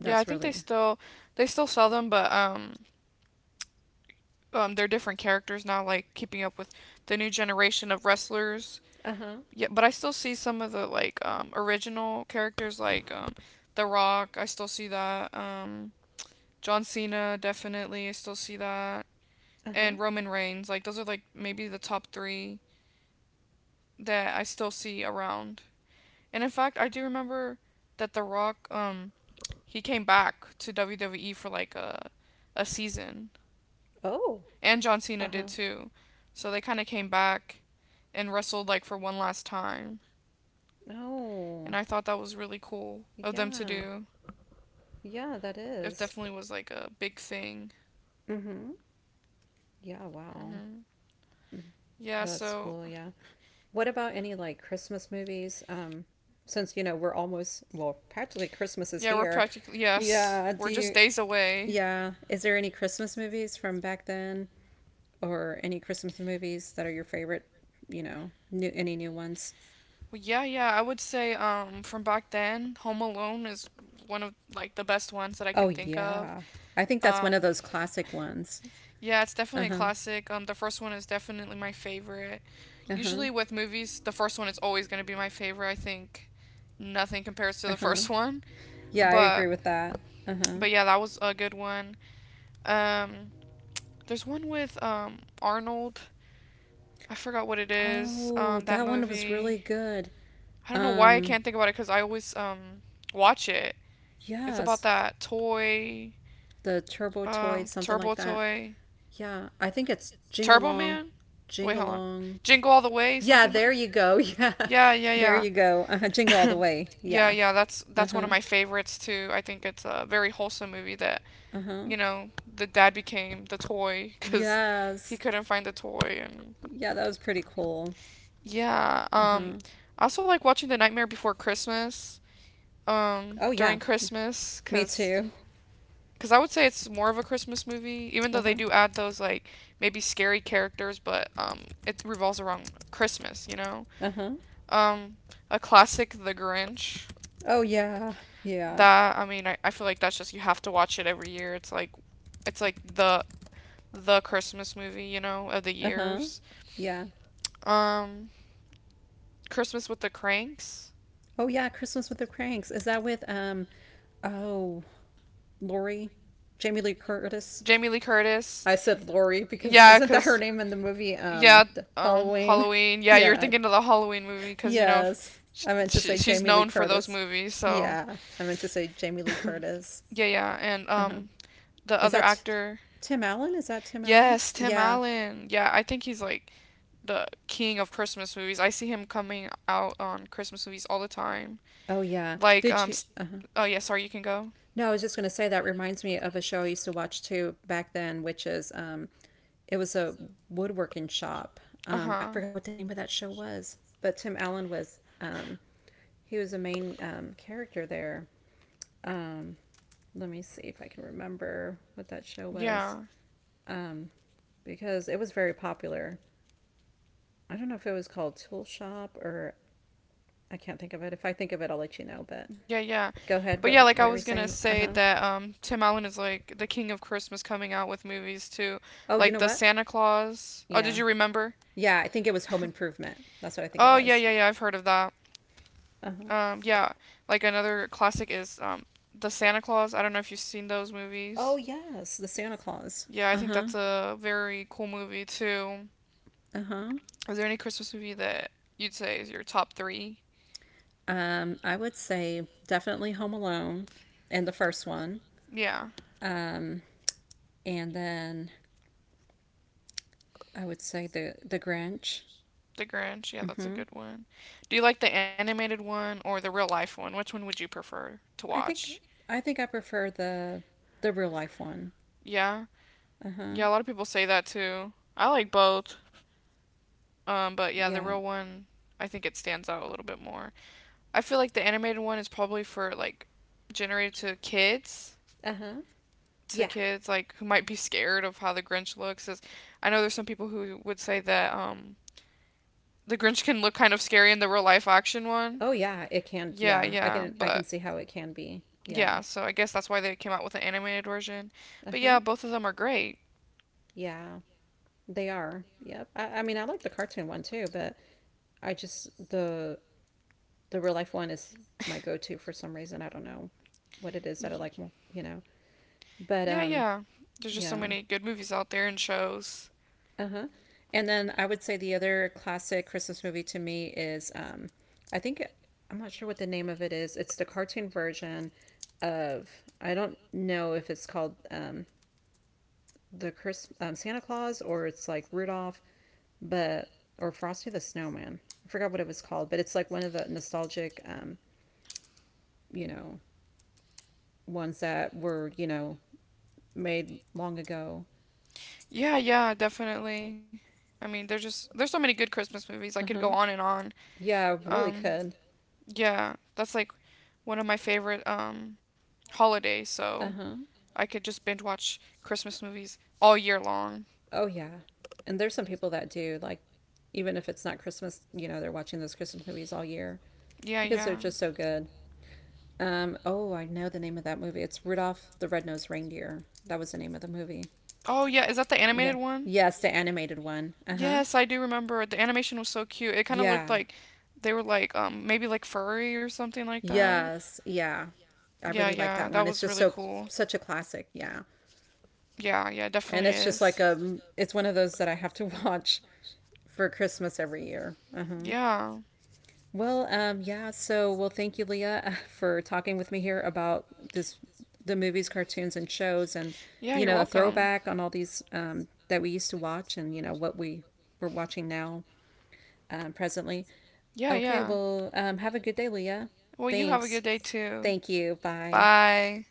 Speaker 1: Yeah, I think
Speaker 2: really
Speaker 1: they still sell them, but they're different characters now. Like keeping up with the new generation of wrestlers.
Speaker 2: Uh-huh.
Speaker 1: Yeah, but I still see some of the like original characters like The Rock. I still see that. John Cena, definitely. I still see that.
Speaker 2: Uh-huh.
Speaker 1: And Roman Reigns. Like those are like maybe the top three that I still see around. And in fact, I do remember that The Rock. He came back to WWE for like a season,
Speaker 2: Oh.
Speaker 1: and John Cena did
Speaker 2: Uh-huh.
Speaker 1: too. So they kind of came back and wrestled like for one last time.
Speaker 2: Oh.
Speaker 1: And I thought that was really cool of them to
Speaker 2: Yeah.
Speaker 1: do.
Speaker 2: Yeah, that
Speaker 1: It
Speaker 2: is.
Speaker 1: definitely was like a big thing.
Speaker 2: Mm-hmm. Yeah, wow.
Speaker 1: Hmm
Speaker 2: Mhm.
Speaker 1: Yeah,
Speaker 2: That's
Speaker 1: so
Speaker 2: cool, yeah. What about any like Christmas movies? Since you know we're almost well, practically Christmas is
Speaker 1: yeah, we're
Speaker 2: here.
Speaker 1: practically yes,
Speaker 2: Yeah. Do
Speaker 1: we're just
Speaker 2: you?
Speaker 1: days away.
Speaker 2: Yeah. Is there any Christmas movies from back then, or any Christmas movies that are your favorite? You know, new any new ones?
Speaker 1: Well, yeah, yeah, I would say from back then, Home Alone is one of like the best ones that I
Speaker 2: Oh
Speaker 1: can think of.
Speaker 2: yeah. I think that's one of
Speaker 1: Um
Speaker 2: those classic ones.
Speaker 1: yeah, it's
Speaker 2: Uh
Speaker 1: definitely a
Speaker 2: huh.
Speaker 1: classic. The first one is definitely my favorite.
Speaker 2: Uh huh.
Speaker 1: Usually with movies, the first one is always going to be my favorite. I think nothing compares to
Speaker 2: Uh
Speaker 1: the
Speaker 2: huh.
Speaker 1: first one.
Speaker 2: Yeah, I
Speaker 1: But
Speaker 2: agree with that. Uh huh.
Speaker 1: but yeah, that was a good one. Um, there's one with Arnold. I forgot what it is.
Speaker 2: Oh,
Speaker 1: That
Speaker 2: that one was
Speaker 1: movie.
Speaker 2: really good.
Speaker 1: I don't know why I
Speaker 2: Um,
Speaker 1: can't think about it because I always watch it. It's about
Speaker 2: yes,
Speaker 1: that toy,
Speaker 2: the Turbo Toy,
Speaker 1: um,
Speaker 2: something like
Speaker 1: turbo
Speaker 2: that.
Speaker 1: toy,
Speaker 2: Yeah, I think it's Jing
Speaker 1: Turbo
Speaker 2: Along,
Speaker 1: Man.
Speaker 2: Jing
Speaker 1: Wait, hold on.
Speaker 2: Along.
Speaker 1: Jingle all the way,
Speaker 2: Yeah,
Speaker 1: something
Speaker 2: there
Speaker 1: like.
Speaker 2: you go. Yeah,
Speaker 1: Yeah, yeah,
Speaker 2: there
Speaker 1: yeah.
Speaker 2: you go. Uh-huh. Jingle all the way.
Speaker 1: Yeah,
Speaker 2: Yeah.
Speaker 1: yeah,
Speaker 2: Uh
Speaker 1: that's one
Speaker 2: huh.
Speaker 1: of my favorites too. I think it's a very wholesome movie that,
Speaker 2: Uh huh.
Speaker 1: you know, the dad became the toy cuz he
Speaker 2: Yes.
Speaker 1: couldn't find the toy and
Speaker 2: Yeah, that was pretty cool.
Speaker 1: yeah.
Speaker 2: Uh huh.
Speaker 1: I also like watching The Nightmare Before Christmas,
Speaker 2: Oh yeah,
Speaker 1: during Christmas,
Speaker 2: me
Speaker 1: cause
Speaker 2: too.
Speaker 1: I would say it's more of a Christmas movie, even
Speaker 2: Uh
Speaker 1: though
Speaker 2: huh.
Speaker 1: they do add those like maybe scary characters, but it revolves around Christmas, you know?
Speaker 2: Uh huh.
Speaker 1: Um, a classic, The Grinch.
Speaker 2: Oh yeah. Yeah.
Speaker 1: That, I mean, I feel like that's just you have to watch it every year. It's like the Christmas movie, you know, of the
Speaker 2: Uh huh.
Speaker 1: years.
Speaker 2: Yeah.
Speaker 1: Um, Christmas with the Cranks.
Speaker 2: Oh yeah, Christmas with the Cranks. Is that with um? Oh, Lori, Jamie Lee Curtis.
Speaker 1: Jamie Lee Curtis.
Speaker 2: I said Lori because
Speaker 1: Yeah,
Speaker 2: isn't that her
Speaker 1: cause
Speaker 2: name in the movie
Speaker 1: yeah,
Speaker 2: Halloween?
Speaker 1: Halloween. Yeah, you're
Speaker 2: Yeah,
Speaker 1: thinking of the Halloween movie, cause you know,
Speaker 2: yes. I meant to say
Speaker 1: she's
Speaker 2: Jamie Lee
Speaker 1: known for those
Speaker 2: Curtis.
Speaker 1: movies. So,
Speaker 2: Yeah. I meant to say Jamie Lee Curtis.
Speaker 1: yeah, yeah, and
Speaker 2: Uh-huh.
Speaker 1: the
Speaker 2: Is
Speaker 1: other
Speaker 2: that T-
Speaker 1: actor,
Speaker 2: Tim Allen? Is that Tim Allen?
Speaker 1: yes, Tim
Speaker 2: Yeah.
Speaker 1: Allen. Yeah, I think he's like the king of Christmas movies. I see him coming out on Christmas movies all the time.
Speaker 2: Oh, yeah.
Speaker 1: Like
Speaker 2: Did you?
Speaker 1: s
Speaker 2: Uh-huh.
Speaker 1: oh yeah, sorry, you can go.
Speaker 2: No, I was just going to say that reminds me of a show I used to watch too back then, which is it was a woodworking shop.
Speaker 1: Uh
Speaker 2: I
Speaker 1: huh.
Speaker 2: forgot what the name of that show was, but Tim Allen was he was a main character there. Um, let me see if I can remember what that show was.
Speaker 1: Yeah.
Speaker 2: Um, because it was very popular. I don't know if it was called Tool Shop or I can't think of it. If I think of it, I'll let you know. But
Speaker 1: Yeah, yeah.
Speaker 2: go ahead.
Speaker 1: But
Speaker 2: What,
Speaker 1: yeah, like
Speaker 2: what
Speaker 1: I
Speaker 2: were we
Speaker 1: was gonna
Speaker 2: saying? Uh
Speaker 1: say
Speaker 2: huh.
Speaker 1: that Tim Allen is like the king of Christmas coming out with movies too.
Speaker 2: Oh, you
Speaker 1: Like
Speaker 2: know
Speaker 1: the
Speaker 2: what?
Speaker 1: Santa Claus. Oh, did
Speaker 2: Yeah.
Speaker 1: you remember?
Speaker 2: Yeah, I think it was Home Improvement. That's what I think it
Speaker 1: Oh, yeah,
Speaker 2: was.
Speaker 1: yeah, yeah, I've heard of that.
Speaker 2: Uh huh.
Speaker 1: Yeah, like another classic is The Santa Claus. I don't know if you've seen those
Speaker 2: Oh,
Speaker 1: movies.
Speaker 2: yes. The Santa Claus.
Speaker 1: Yeah, I
Speaker 2: Uh
Speaker 1: think
Speaker 2: huh.
Speaker 1: that's a very cool movie too.
Speaker 2: Uh huh.
Speaker 1: Is there any Christmas movie that you'd say is your top 3?
Speaker 2: I would say definitely Home Alone and the first one.
Speaker 1: Yeah,
Speaker 2: Um, and then I would say the Grinch.
Speaker 1: The Grinch. Yeah, that's a
Speaker 2: Mm-hmm.
Speaker 1: good one. Do you like the animated one or the real life one? Which one would you prefer to
Speaker 2: I think
Speaker 1: watch?
Speaker 2: I think I prefer the real life one.
Speaker 1: Yeah.
Speaker 2: Uh huh.
Speaker 1: Yeah, a lot of people say that too. I like both. But yeah, the
Speaker 2: Yeah.
Speaker 1: real one, I think it stands out a little bit more. I feel like the animated one is probably for like generated
Speaker 2: Uh huh.
Speaker 1: to
Speaker 2: Yeah.
Speaker 1: kids like who might be scared of how the Grinch looks. I know there's some people who would say that the Grinch can look kind of scary in the real life action one.
Speaker 2: Oh yeah. It can.
Speaker 1: Yeah,
Speaker 2: Yeah. I
Speaker 1: yeah,
Speaker 2: can. I can
Speaker 1: but
Speaker 2: see how it can be. Yeah.
Speaker 1: yeah, so I guess that's why they came out with an animated version.
Speaker 2: Uh
Speaker 1: But
Speaker 2: huh.
Speaker 1: yeah, both of them are great.
Speaker 2: Yeah. They are. Yep. I mean, I like the cartoon one too, but I just the real life one is my go to for some reason. I don't know what it is that I
Speaker 1: Y-
Speaker 2: like more. You know. But
Speaker 1: Yeah,
Speaker 2: um.
Speaker 1: yeah. There's just so
Speaker 2: Yeah.
Speaker 1: many good movies out there and shows.
Speaker 2: Uh-huh. And then I would say the other classic Christmas movie to me is I think I'm not sure what the name of it is. It's the cartoon version of I don't know if it's called the Chris Santa Claus or it's like Rudolph, but or Frosty the Snowman. I forgot what it was called, but it's like one of the nostalgic you know, ones that were, you know, made long ago.
Speaker 1: Yeah, yeah, definitely. I mean, there's so many good Christmas movies. I could go
Speaker 2: Uh-huh.
Speaker 1: on and on.
Speaker 2: Yeah, really
Speaker 1: Um,
Speaker 2: could.
Speaker 1: yeah, that's like one of my favorite holidays, so
Speaker 2: Uh-huh.
Speaker 1: I could just binge watch Christmas movies all year long.
Speaker 2: Oh yeah. And there's some people that do like even if it's not Christmas, you know, they're watching those Christmas movies all year
Speaker 1: Yeah,
Speaker 2: because
Speaker 1: yeah.
Speaker 2: they're just so good. Oh, I know the name of that movie. It's Rudolph the Red-Nosed Reindeer. That was the name of the movie.
Speaker 1: Oh, yeah, is that the
Speaker 2: Yeah.
Speaker 1: animated one?
Speaker 2: Yes, the animated one. Uh-huh.
Speaker 1: Yes, I do remember. The animation was so cute. It kind of looked
Speaker 2: Yeah.
Speaker 1: like they were like maybe like furry or something like that.
Speaker 2: Yes. Yeah. I
Speaker 1: Yeah,
Speaker 2: really like
Speaker 1: yeah,
Speaker 2: that
Speaker 1: that
Speaker 2: one.
Speaker 1: was
Speaker 2: It's
Speaker 1: really
Speaker 2: just so
Speaker 1: cool.
Speaker 2: such a classic, yeah.
Speaker 1: Yeah, yeah, it definitely
Speaker 2: And it's just
Speaker 1: is.
Speaker 2: like a it's one of those that I have to watch for Christmas every year.
Speaker 1: Yeah.
Speaker 2: Well, yeah. So, well, thank you, Leah, for talking with me here about this, the movies, cartoons, and shows, and
Speaker 1: Yeah,
Speaker 2: you
Speaker 1: you're
Speaker 2: know, a
Speaker 1: welcome.
Speaker 2: throwback on all these that we used to watch, and you know what we were watching now, presently.
Speaker 1: Yeah,
Speaker 2: Okay.
Speaker 1: yeah.
Speaker 2: Well, have a good day, Leah.
Speaker 1: Well, you have a
Speaker 2: Thanks.
Speaker 1: good day too.
Speaker 2: Thank you. Bye.
Speaker 1: Bye.